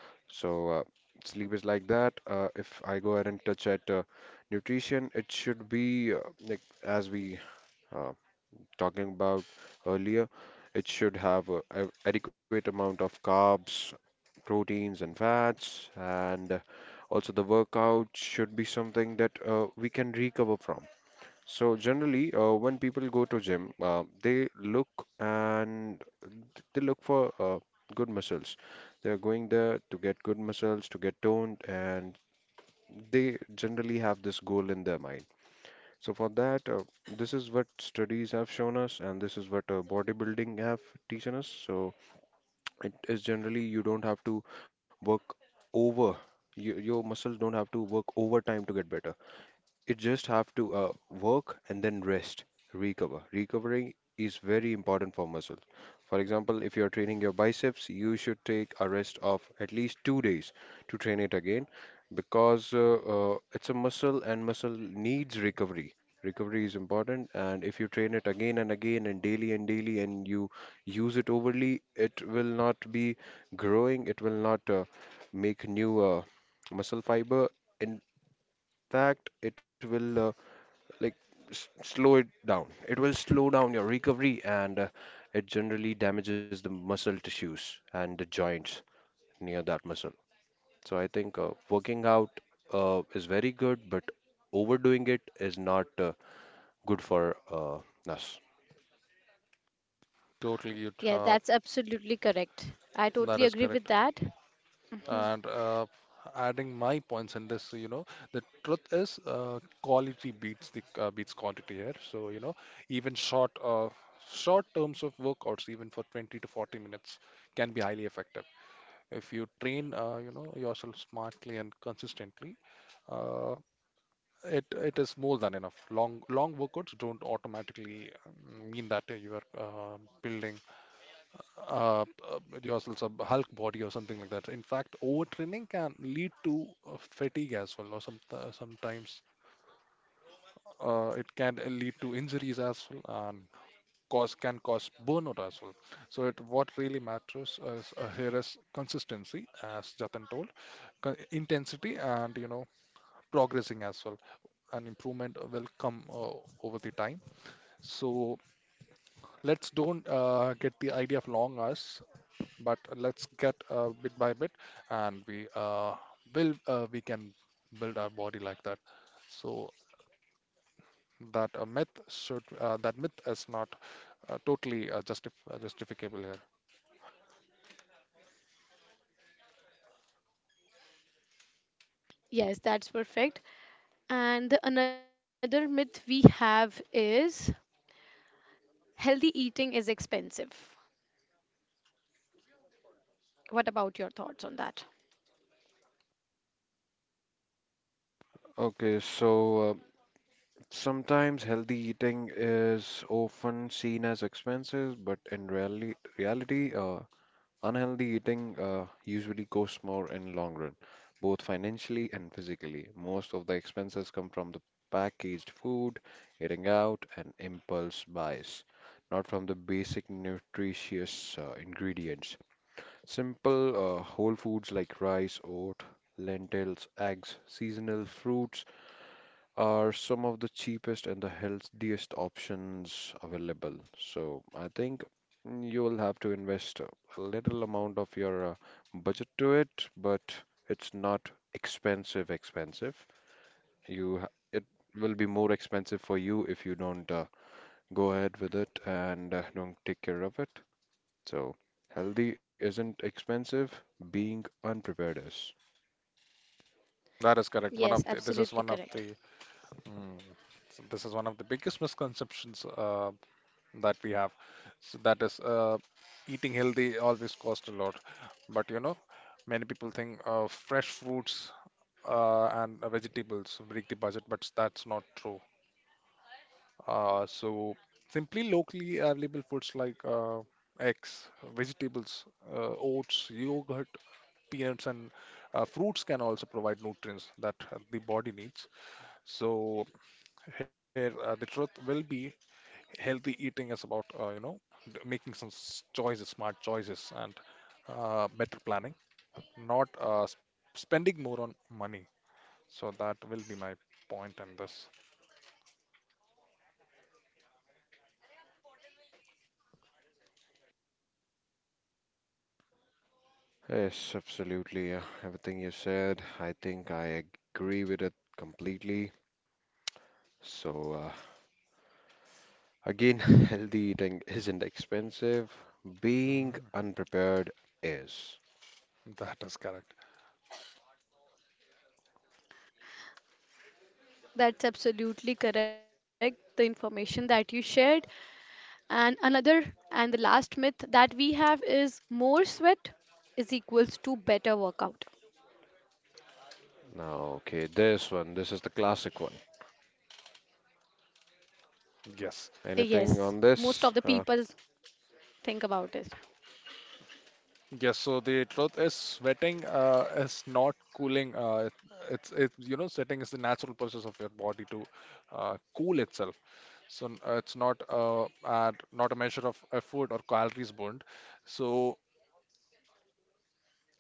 S3: So uh, sleep is like that. Uh, if I go ahead and touch at uh, nutrition, it should be uh, like as we uh, talking about earlier, it should have uh, a adequate amount of carbs, proteins, and fats, and uh, also the workout should be something that uh, we can recover from. So generally, uh, when people go to gym, uh, they look and they look for uh, good muscles. They are going there to get good muscles, to get toned, and they generally have this goal in their mind. So for that, uh, this is what studies have shown us, and this is what uh, bodybuilding have teaching us. So it is generally you don't have to work over. You, your muscles don't have to work overtime to get better, it just have to uh, work and then rest, recover. Recovering is very important for muscle. For example, if you're training your biceps, you should take a rest of at least two days to train it again, because uh, uh, it's a muscle and muscle needs recovery. Recovery is important, and if you train it again and again and daily and daily and you use it overly, it will not be growing, it will not uh, make new uh, muscle fiber. In fact, it will. Uh, like s- slow it down. It will slow down your recovery and uh, it generally damages the muscle tissues and the joints near that muscle. So I think uh, working out uh, is very good, but overdoing it is not uh, good for uh, us.
S2: Totally good.
S1: Yeah,
S2: Uh,
S1: that's absolutely correct. I
S2: that
S1: totally
S2: is
S1: agree with
S2: correct.
S1: that. hmm
S2: And uh, adding my points in this, so, you know the truth is uh, quality beats the uh, beats quantity here. So you know even short uh, short terms of workouts, even for twenty to forty minutes, can be highly effective if you train uh, you know yourself smartly and consistently. uh, it it is more than enough. Long, long workouts don't automatically um, mean that you are uh, building uh, uh, yourself some Hulk body or something like that. In fact, overtraining can lead to uh, fatigue as well, or some uh, sometimes uh, it can lead to injuries as well, and cause can cause burnout as well. So it, what really matters is, uh, here is consistency, as Jatin told, con- intensity, and you know progressing as well. And improvement will come uh, over the time. So let's don't uh, get the idea of long hours, but let's get uh, bit by bit and we uh, build uh, we can build our body like that. So that a myth should uh, that myth is not uh, totally uh, justif uh, justificable here.
S1: Yes, that's perfect. And the another myth we have is healthy eating is expensive. What about your thoughts on that?
S3: Okay, so uh, sometimes healthy eating is often seen as expensive, but in reality, reality, uh, unhealthy eating uh, usually costs more in long run, both financially and physically. Most of the expenses come from the packaged food, eating out, and impulse buys, not from the basic nutritious uh, ingredients. Simple uh, whole foods like rice, oat, lentils, eggs, seasonal fruits are some of the cheapest and the healthiest options available. So I think you'll have to invest a little amount of your uh, budget to it, but it's not expensive expensive. You ha- it will be more expensive for you if you don't uh, go ahead with it and uh, don't take care of it. So healthy isn't expensive, being unprepared is.
S2: That is correct. One of the,
S1: Yes,
S2: this is one of
S1: absolutely
S2: the
S1: correct.
S2: mm, so this is one of the biggest misconceptions uh, that we have. So that is, uh, eating healthy always cost a lot. But you know many people think uh, fresh fruits uh, and uh, vegetables break the budget, but that's not true. Uh, so simply locally available foods like uh, eggs, vegetables, uh, oats, yogurt, peanuts, and uh, fruits can also provide nutrients that uh, the body needs. So here, uh, the truth will be, healthy eating is about, uh, you know d- making some s- choices, smart choices, and uh, better planning, not uh, s- spending more on money. So that will be my point, and this
S3: Yes, absolutely. Uh, everything you said, I think I agree with it completely. So, uh, again, [LAUGHS] healthy eating isn't expensive. Being unprepared is.
S2: [LAUGHS] that is correct.
S1: That's absolutely correct. The information that you shared. And another and the last myth that we have is more sweat is equals to better workout.
S3: Now, okay, this one, this is the classic one.
S2: Yes.
S1: Yes,
S3: Anything
S1: most
S3: on
S1: of the
S3: this?
S1: people
S3: Uh,
S1: think about it.
S2: Yes, so the truth is, sweating uh, is not cooling. Uh, it, it's it, you know sweating is the natural process of your body to uh, cool itself. So n- uh, it's not uh, ad, not a measure of effort or calories burned. So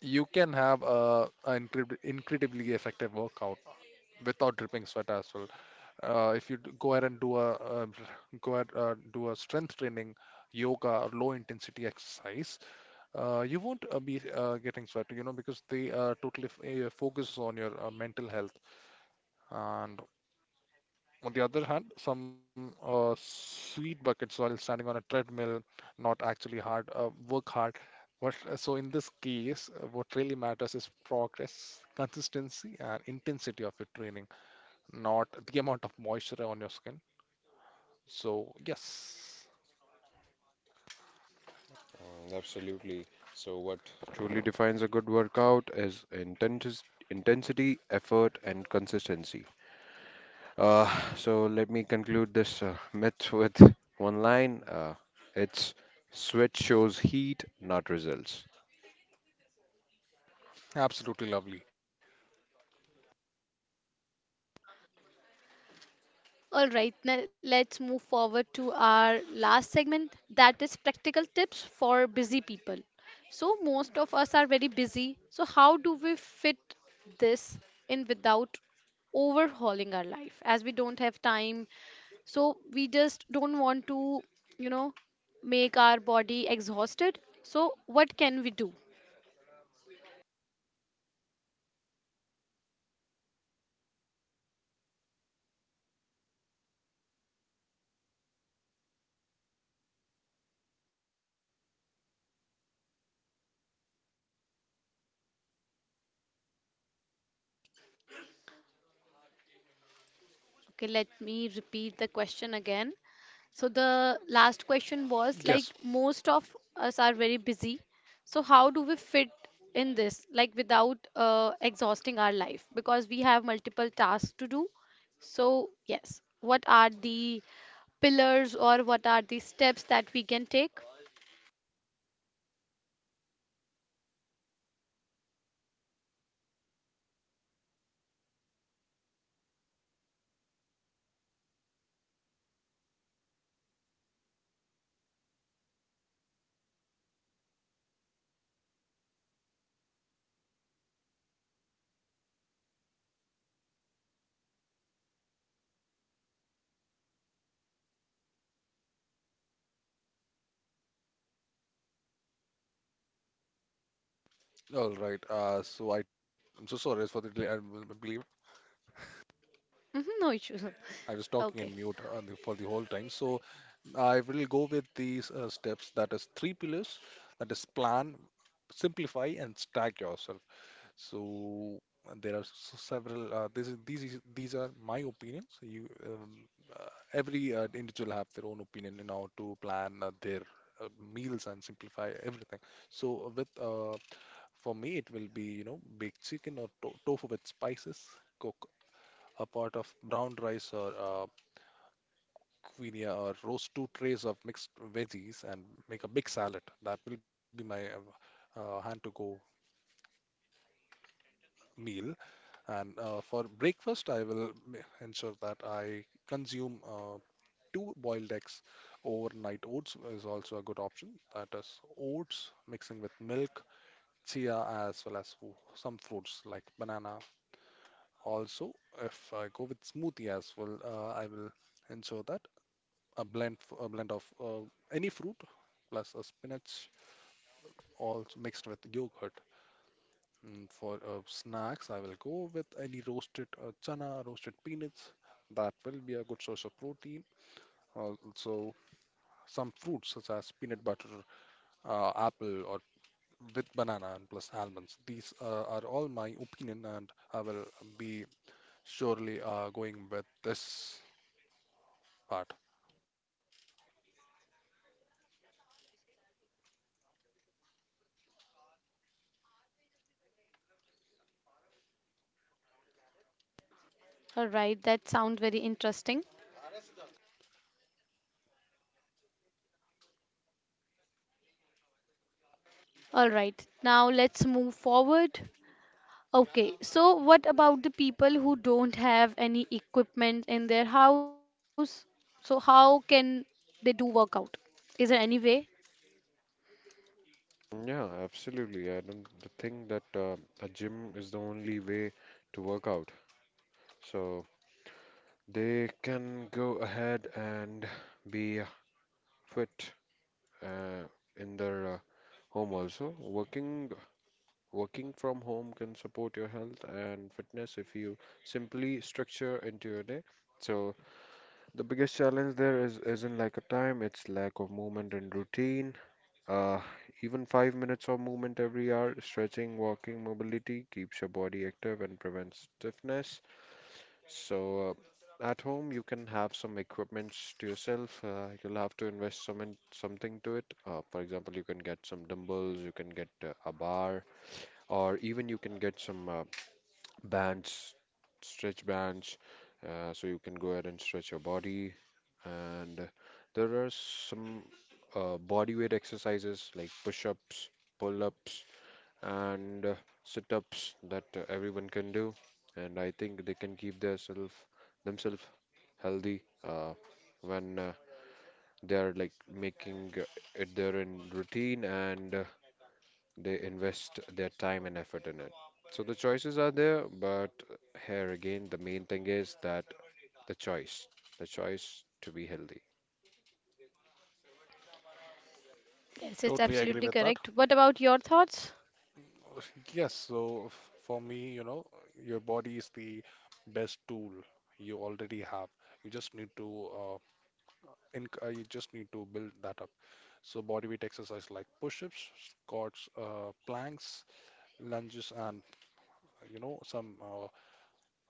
S2: you can have a, a incred incredibly effective workout without dripping sweat as well. Uh, if you d- go ahead and do a uh, go ahead uh, do a strength training, yoga, or low intensity exercise. Uh, you won't uh, be uh, getting sweat, you know, because they uh, totally f uh, focus on your uh, mental health. And on the other hand, some uh, sweet buckets while standing on a treadmill, not actually hard, uh, work hard. But uh, so in this case, uh, what really matters is progress, consistency, and intensity of your training, not the amount of moisture on your skin. So yes,
S3: mm, absolutely. So, what truly defines a good workout is intensi intensity, effort, and consistency. Uh, so let me conclude this uh, myth with one line. Uh, it's sweat shows heat, not results.
S2: absolutely lovely.
S1: All right, now let's move forward to our last segment, that is practical tips for busy people. So, most of us are very busy. So, how do we fit this in without overhauling our life, as we don't have time? So, we just don't want to, you know, make our body exhausted. So, what can we do? Okay, let me repeat the question again. So the last question was like
S2: Yes.
S1: most of us are very busy. So how do we fit in this like without uh, exhausting our life because we have multiple tasks to do. So yes, what are the pillars or what are the steps that we can take?
S2: All right. Uh, so I, I'm so sorry for the delay. I will- I believe
S1: Mhm, no issues.
S2: I
S1: [LAUGHS]
S2: was talking
S1: Okay.
S2: in mute, uh, the- for the whole time. So I will go with these uh, steps. That is three pillars. That is plan, simplify, and stack yourself. So uh, there are s- several. Uh, this is, these is, these are my opinions. You um, uh, every uh, individual have their own opinion in how to plan uh, their uh, meals and simplify everything. So uh, with uh, for me it will be, you know baked chicken or to- tofu with spices. Cook a pot of brown rice or uh, quinoa, or roast two trays of mixed veggies and make a big salad. That will be my uh, uh, hand to go meal. And uh, for breakfast, I will m- ensure that I consume uh, two boiled eggs. Overnight oats is also a good option. That is oats mixing with milk, chia, as well as fru- some fruits like banana. Also, if I go with smoothie as well, uh, I will ensure that a blend f- a blend of uh, any fruit plus a spinach, also mixed with yogurt. Mm, for uh, snacks, I will go with any roasted uh, chana, roasted peanuts. That will be a good source of protein. Also, some fruits such as peanut butter, uh, apple, or with banana and plus almonds. These uh, are all my opinion, and I will be surely uh, going with this part.
S1: All right, that sounds very interesting. All right. Now let's move forward. Okay, so what about the people who don't have any equipment in their house? So how can they do workout? Is there any way?
S3: Yeah, absolutely. I don't think that uh, a gym is the only way to work out. So they can go ahead and be fit uh, in their uh, home also. Working working from home can support your health and fitness if you simply structure into your day. So the biggest challenge there is isn't like a time, it's lack of movement and routine. Uh, even five minutes of movement every hour, stretching, walking, mobility keeps your body active and prevents stiffness. So uh, at home you can have some equipments to yourself. Uh, you'll have to invest some in something to it. Uh, for example, you can get some dumbbells, you can get uh, a bar, or even you can get some uh, bands, stretch bands, uh, so you can go ahead and stretch your body. And there are some uh, body weight exercises like push ups, pull ups, and uh, sit ups that uh, everyone can do. And I think they can keep their self, themselves healthy uh, when uh, they are like making uh, it their in routine and uh, they invest their time and effort in it. So the choices are there, but here again, the main thing is that the choice, the choice to be healthy.
S1: Yes, it's
S2: Totally agree
S1: absolutely
S2: with that.
S1: correct. What about your thoughts?
S2: Uh, Yes, so f- for me, you know, your body is the best tool you already have. You just need to uh, in, uh, you just need to build that up. So bodyweight exercise like push-ups, squats, uh, planks, lunges, and you know some uh,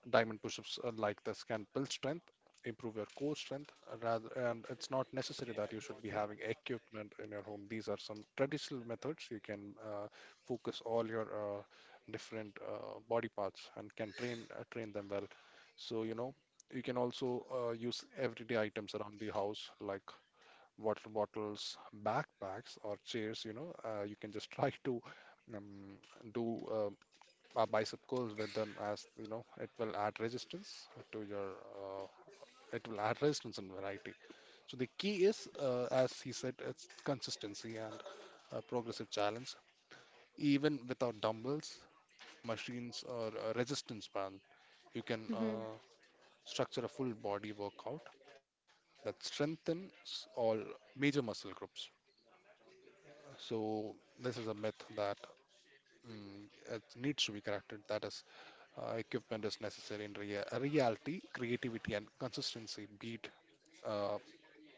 S2: diamond push-ups uh, like this can build strength, improve your core strength. uh, Rather, and it's not necessary that you should be having equipment in your home. These are some traditional methods. You can uh, focus all your uh, different uh, body parts and can train uh, train them well. So you know. You can also uh, use everyday items around the house like water bottles, backpacks, or chairs, you know, uh, You can just [LAUGHS] try to um, do uh, a bicep curls with them, as, you know, it will add resistance to your, uh, it will add resistance and variety. So the key is, uh, as he said, it's consistency and uh, progressive challenge. Even without dumbbells, machines, or a resistance band, you can
S1: hmm
S2: uh, structure a full body workout that strengthens all major muscle groups. So this is a myth that mm, it needs to be corrected. That is, uh, equipment is necessary. In rea reality, creativity and consistency beat uh,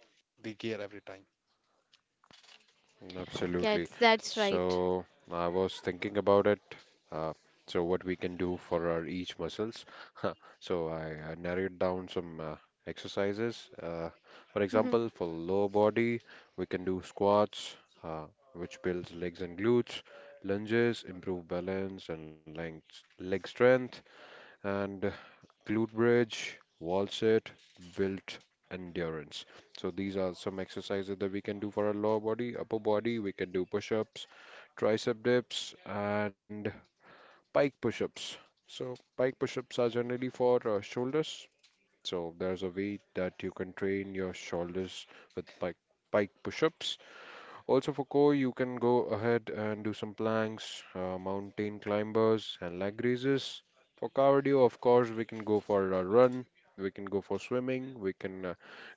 S2: the gear every time.
S3: Absolutely.
S1: Yes, that's right.
S3: So I was thinking about it. Uh, so what we can do for our each muscles. [LAUGHS] So I, I narrowed down some uh, exercises. Uh, for
S1: hmm
S3: example, for lower body, we can do squats, uh, which builds legs and glutes, lunges, improve balance and length, leg strength, and glute bridge, wall sit, built endurance. So these are some exercises that we can do for our lower body. Upper body, we can do push-ups, tricep dips, and pike push-ups. So pike push-ups are generally for uh, shoulders. So there's a way that you can train your shoulders with pike pike push-ups. Also for core, you can go ahead and do some planks, uh, mountain climbers, and leg raises. For cardio, of course, we can go for a run, we can go for swimming, we can uh,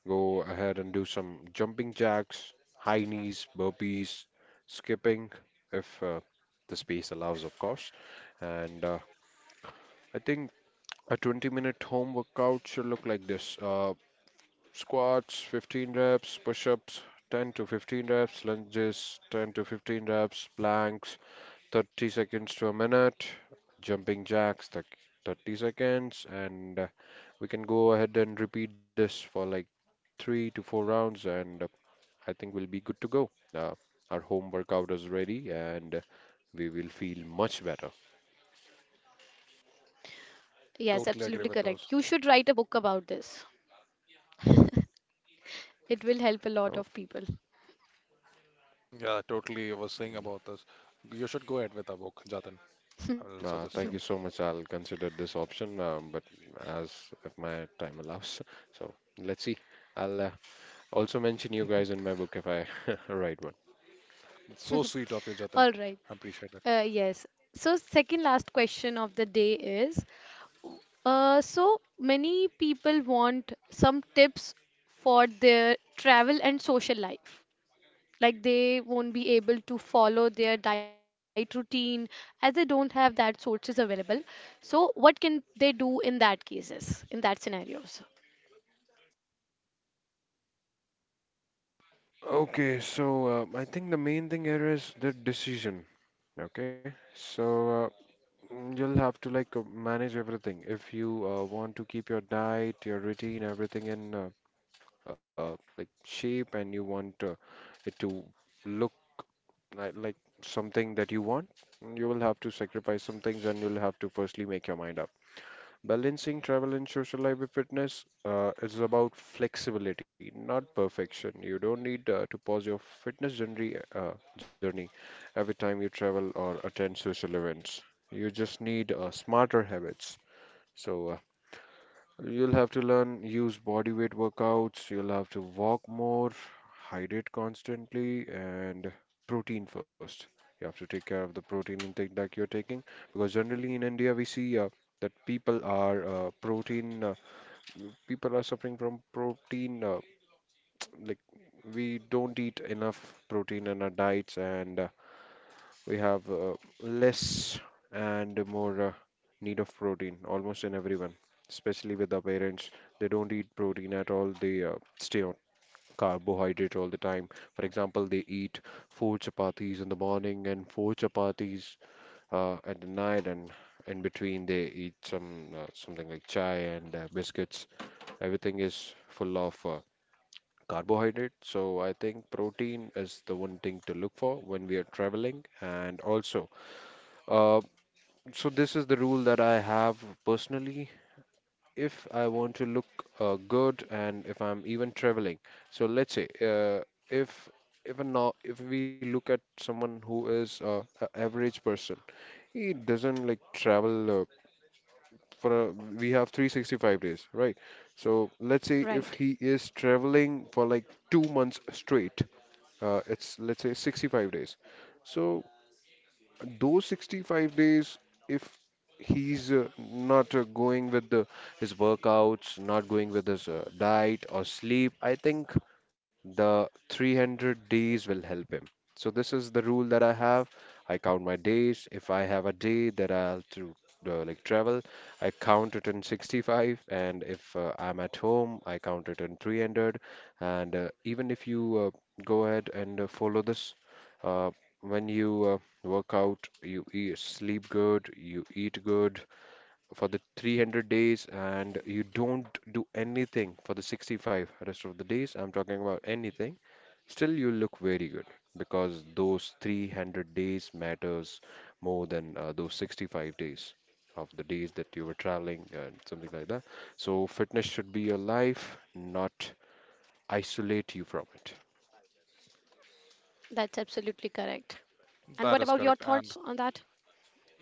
S3: go ahead and do some jumping jacks, high knees, burpees, skipping, if uh, the space allows, of course. And uh, I think a twenty minute home workout should look like this. Uh, Squats fifteen reps, push ups ten to fifteen reps, lunges ten to fifteen reps, planks thirty seconds to a minute, jumping jacks thir- thirty seconds, and uh, we can go ahead and repeat this for like three to four rounds, and uh, I think we'll be good to go. Uh, our home workout is ready, and uh, we will feel much better.
S1: Yes, absolutely
S2: Totally agree with
S1: correct. You
S2: those.
S1: should write a book about this. It will help a
S3: Oh,
S1: lot of people.
S2: Yeah, totally. I was saying about this. You should go ahead with a book, Jatin. I will
S3: Uh,
S2: suggest
S3: thank
S2: you.
S3: you so much. I'll consider this option, um, but as if my time allows. [LAUGHS] So let's see. I'll uh, also mention you guys in my book if I [LAUGHS] write one.
S2: So sweet of you, Jatin.
S1: All right.
S2: I appreciate that.
S1: Uh, yes. So, second last question of the day is uh, so many people want some tips for their travel and social life. Like they won't be able to follow their diet routine as they don't have that sources available. So, what can they do in that cases, in that scenarios?
S3: Okay, so uh, I think the main thing here is the decision. Okay, so uh, mm, you'll have to like uh, manage everything. If you uh, want to keep your diet, your routine, everything in uh, uh, like shape, and you want uh, it to look Like, like something that you want, you will have to sacrifice some things and you'll have to firstly make your mind up. Balancing travel and social life with fitness uh, is about flexibility, not perfection. You don't need uh, to pause your fitness journey, uh, journey every time you travel or attend social events. You just need uh, smarter habits. So, uh, you'll have to learn use body weight workouts, you'll have to walk more, hydrate constantly, and protein first. You have to take care of the protein intake that you're taking because generally in India we see uh, that people are uh, protein uh, people are suffering from protein uh, like we don't eat enough protein in our diets and uh, we have uh, less and more uh, need of protein almost in everyone, especially with our parents. They don't eat protein at all. They uh, stay on carbohydrate all the time. For example, they eat four chapatis in the morning and four chapatis uh, at the night, and in between they eat some uh, something like chai and uh, biscuits. Everything is full of uh, carbohydrate. So I think protein is the one thing to look for when we are traveling. And also uh, so this is the rule that I have personally. If I want to look uh, good and if I'm even traveling, so let's say uh, if if a no, if we look at someone who is uh, a average person, he doesn't like travel uh, for a, we have three hundred sixty-five days, right? So let's say if
S1: Right.
S3: he is traveling for like two months straight, uh, it's let's say sixty-five days. So those sixty-five days, if he's uh, not uh, going with the, his workouts, not going with his uh, diet or sleep, I think the three hundred days will help him. So this is the rule that I have. I count my days. If I have a day that I'll to uh, like travel, I count it in sixty-five, and if uh, I'm at home, I count it in three hundred. And uh, even if you uh, go ahead and uh, follow this, uh, when you uh, work out, you eat, sleep good, you eat good for the three hundred days, and you don't do anything for the sixty-five rest of the days. I'm talking about anything. Still, you look very good because those three hundred days matters more than uh, those sixty-five days of the days that you were traveling and something like that. So, fitness should be your life, not isolate you from it.
S1: That's absolutely correct. And what about
S2: That
S1: your
S2: is correct.
S1: thoughts on
S2: And
S1: that?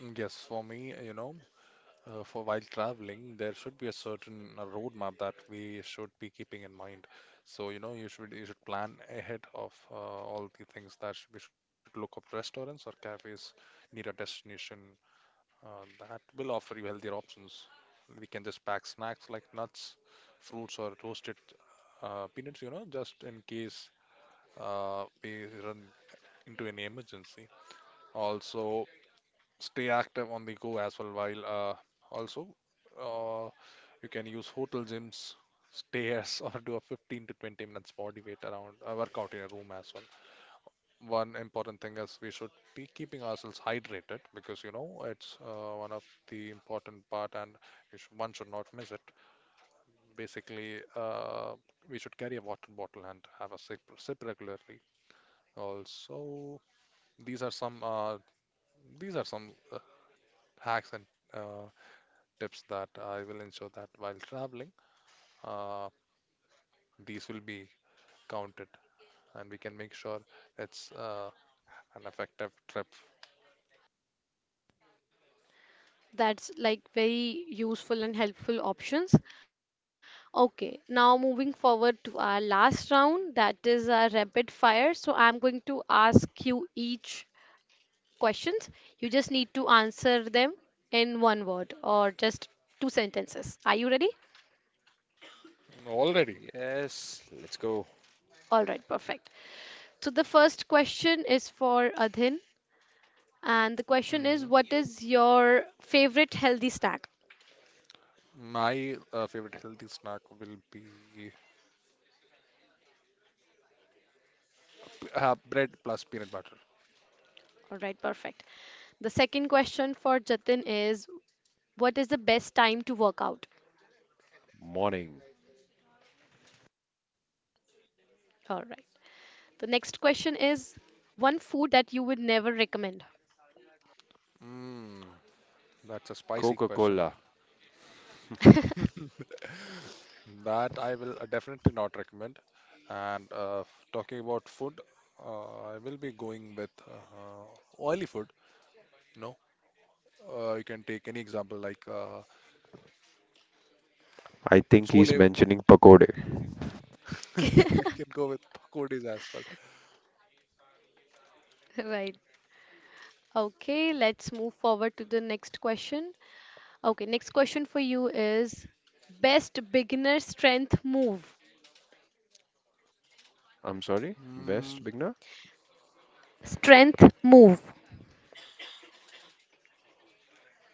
S2: mm, yes, for me, you know. Uh, for while traveling, there should be a certain uh, roadmap that we should be keeping in mind. So, you know, you should you should plan ahead of uh, all the things that should, we should look up restaurants or cafes near our destination uh, that will offer you healthier options. We can just pack snacks like nuts, fruits, or roasted uh, peanuts, you know, just in case uh, we run into any emergency. Also, stay active on the go as well, while uh, also. uh, you can use hotel gyms, stairs, [LAUGHS] or do a fifteen to twenty minutes body weight around uh, workout in a room as well. One important thing is we should be keeping ourselves hydrated, because you know it's uh, one of the important part, and you should, one should not miss it. Basically, uh, we should carry a water bottle and have a sip, sip regularly. Also, these are some uh, these are some uh, hacks and uh, tips that I will ensure that, while traveling, uh, these will be counted, and we can make sure it's uh, an effective trip.
S1: That's like very useful and helpful options. Okay, now moving forward to our last round, that is a rapid fire. So I'm going to ask you each questions. You just need to answer them in one word or just two sentences. Are you ready?
S2: Already.
S3: Yes, let's go.
S1: All right, perfect. So the first question is for Adhin, and the question is,
S2: Mhm.
S1: what is your favorite healthy snack?
S2: My uh, favorite healthy snack will be uh, bread plus peanut butter.
S1: All right, perfect. The second question for Jatin is what is the best time to work out?
S3: Morning.
S1: All right. The next question is one food that you would never recommend.
S2: Mm, that's a spicy question.
S3: Coca-Cola.
S2: [LAUGHS] That I will uh, definitely not recommend. And uh, f- talking about food, uh, I will be going with uh, oily food. No, uh, you can take any example like uh,
S3: I think he's
S2: chole.
S3: mentioning pakode.
S2: [LAUGHS] You
S1: [LAUGHS]
S2: can go with pakodis as well.
S1: Right. Okay, let's move forward to the next question. Okay, next question for you is best beginner strength move.
S3: I'm sorry,
S2: Mm,
S3: best beginner?
S1: Strength move.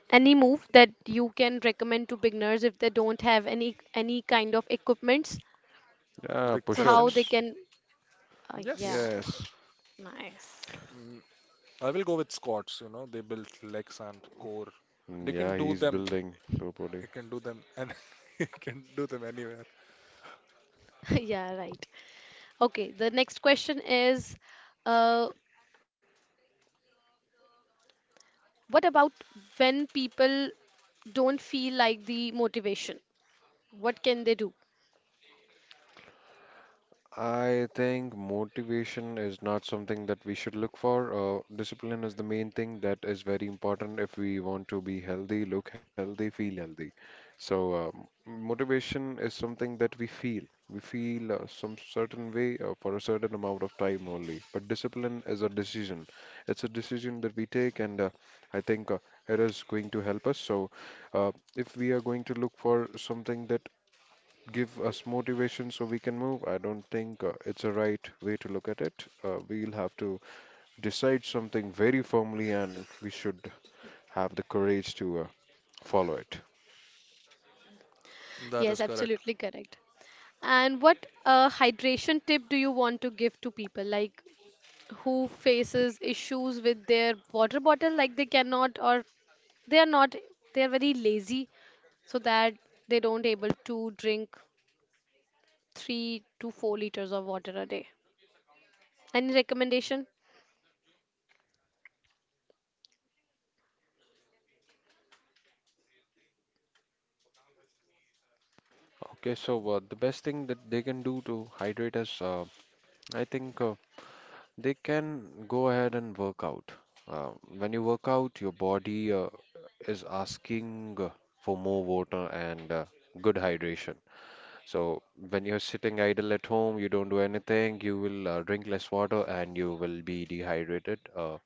S1: Any move that you can recommend to beginners if they don't have any any kind of equipments,
S2: is the
S3: Yeah,
S1: so
S2: question?
S1: how they
S3: push-ups.
S1: can uh,
S2: Yes.
S1: yeah,
S3: Yes.
S1: nice.
S2: Mm, I will go with Scots, you know, They build legs and core.
S3: Mm,
S2: They can
S3: yeah,
S2: do
S3: he's
S2: them,
S3: building slow body.
S2: they can do them, and [LAUGHS] they can do them anywhere.
S1: [LAUGHS] Yeah, right. Okay, the next question is uh, what about when people don't feel like the motivation? What can they do?
S3: I think motivation is not something that we should look for. Uh, discipline is the main thing that is very important if we want to be healthy, look healthy, feel healthy. So, um, motivation is something that we feel. We feel uh, some certain way uh, for a certain amount of time only. But discipline is a decision. It's a decision that we take, and uh, I think uh, it is going to help us. So, uh, if we are going to look for something that give us motivation so we can move. I don't think uh, it's a right way to look at it. Uh, we'll have to decide something very firmly, and we should have the courage to uh, follow it.
S2: That
S1: Yes,
S2: is correct.
S1: absolutely correct. And what uh, hydration tip do you want to give to people like who faces issues with their water bottle, like they cannot, or they are not, they are very lazy so that they don't able to drink three to four liters of water a day. Any recommendation?
S3: Okay, so uh, the best thing that they can do to hydrate is, uh, I think uh, they can go ahead and work out. Uh, when you work out, your body uh, is asking uh, for more water and uh, good hydration. So when you're sitting idle at home, you don't do anything, you will uh, drink less water and you will be dehydrated uh,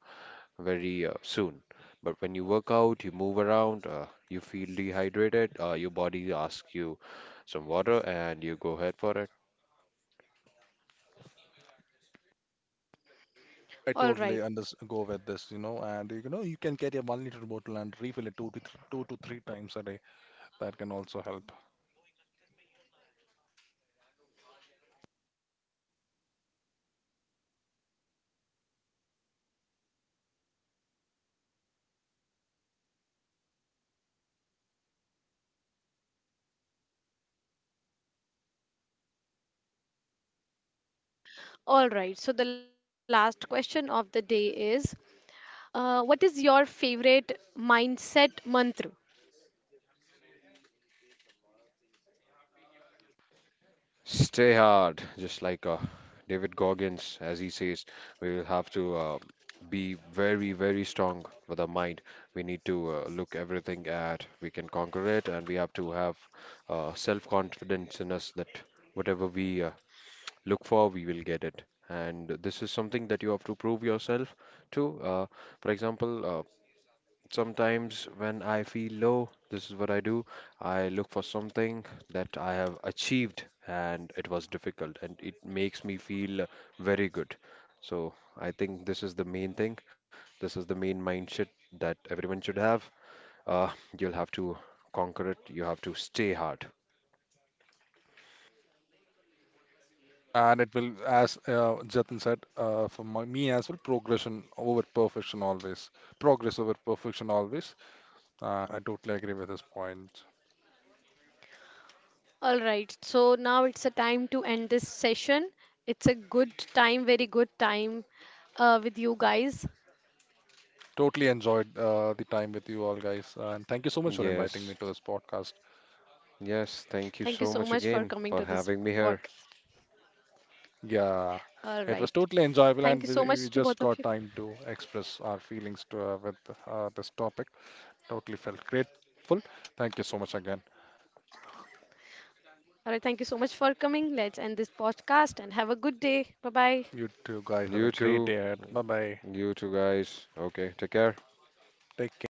S3: very uh, soon. But when you work out, you move around, uh, you feel dehydrated, uh, your body asks you some water and you go ahead for it.
S2: I
S1: All
S2: totally
S1: right.
S2: unders go with this, you know, and you know you can carry a one liter bottle and refill it two to th two to three times a day. That can also help.
S1: All right, so the last question of the day is uh, what is your favorite mindset mantra?
S3: Stay hard, just like uh, David Goggins, as he says, we will have to uh, be very, very strong with our mind. We need to uh, look everything at we can conquer it, and we have to have uh, self-confidence in us that whatever we uh, look for, we will get it. And this is something that you have to prove yourself to. Uh, for example, uh, sometimes when I feel low, this is what I do. I look for something that I have achieved and it was difficult and it makes me feel very good. So I think this is the main thing. This is the main mindset that everyone should have. Uh, you'll have to conquer it. You have to stay hard.
S2: And it will, as uh, Jatin said, uh, for my, me as well, progression over perfection always. Progress over perfection always. Uh, I totally agree with this point.
S1: All right, so now it's a time to end this session. It's a good time, very good time uh, with you guys.
S2: Totally enjoyed uh, the time with you all guys, uh, and thank you so much for inviting
S3: Yes.
S2: me to this podcast.
S3: Yes. Thank you
S1: Thank you
S3: so
S1: so
S3: much
S1: much for
S3: again
S1: coming
S3: for
S1: to this
S3: having me here.
S1: podcast. All
S2: Yeah,
S1: right,
S2: it was totally
S1: thank you so
S2: enjoyable,
S1: much
S2: and
S1: to
S2: we,
S1: both of
S2: we
S1: you.
S2: just got time to express our feelings to, uh, with uh, this topic. Totally felt grateful. Thank you so much again.
S1: All right, thank you so much for coming. Let's end this podcast and have a good day. Bye bye.
S2: You two guys have a
S3: You
S2: great
S3: too.
S2: day ahead. Bye bye.
S3: You too, guys. Okay. Take care.
S2: Take care.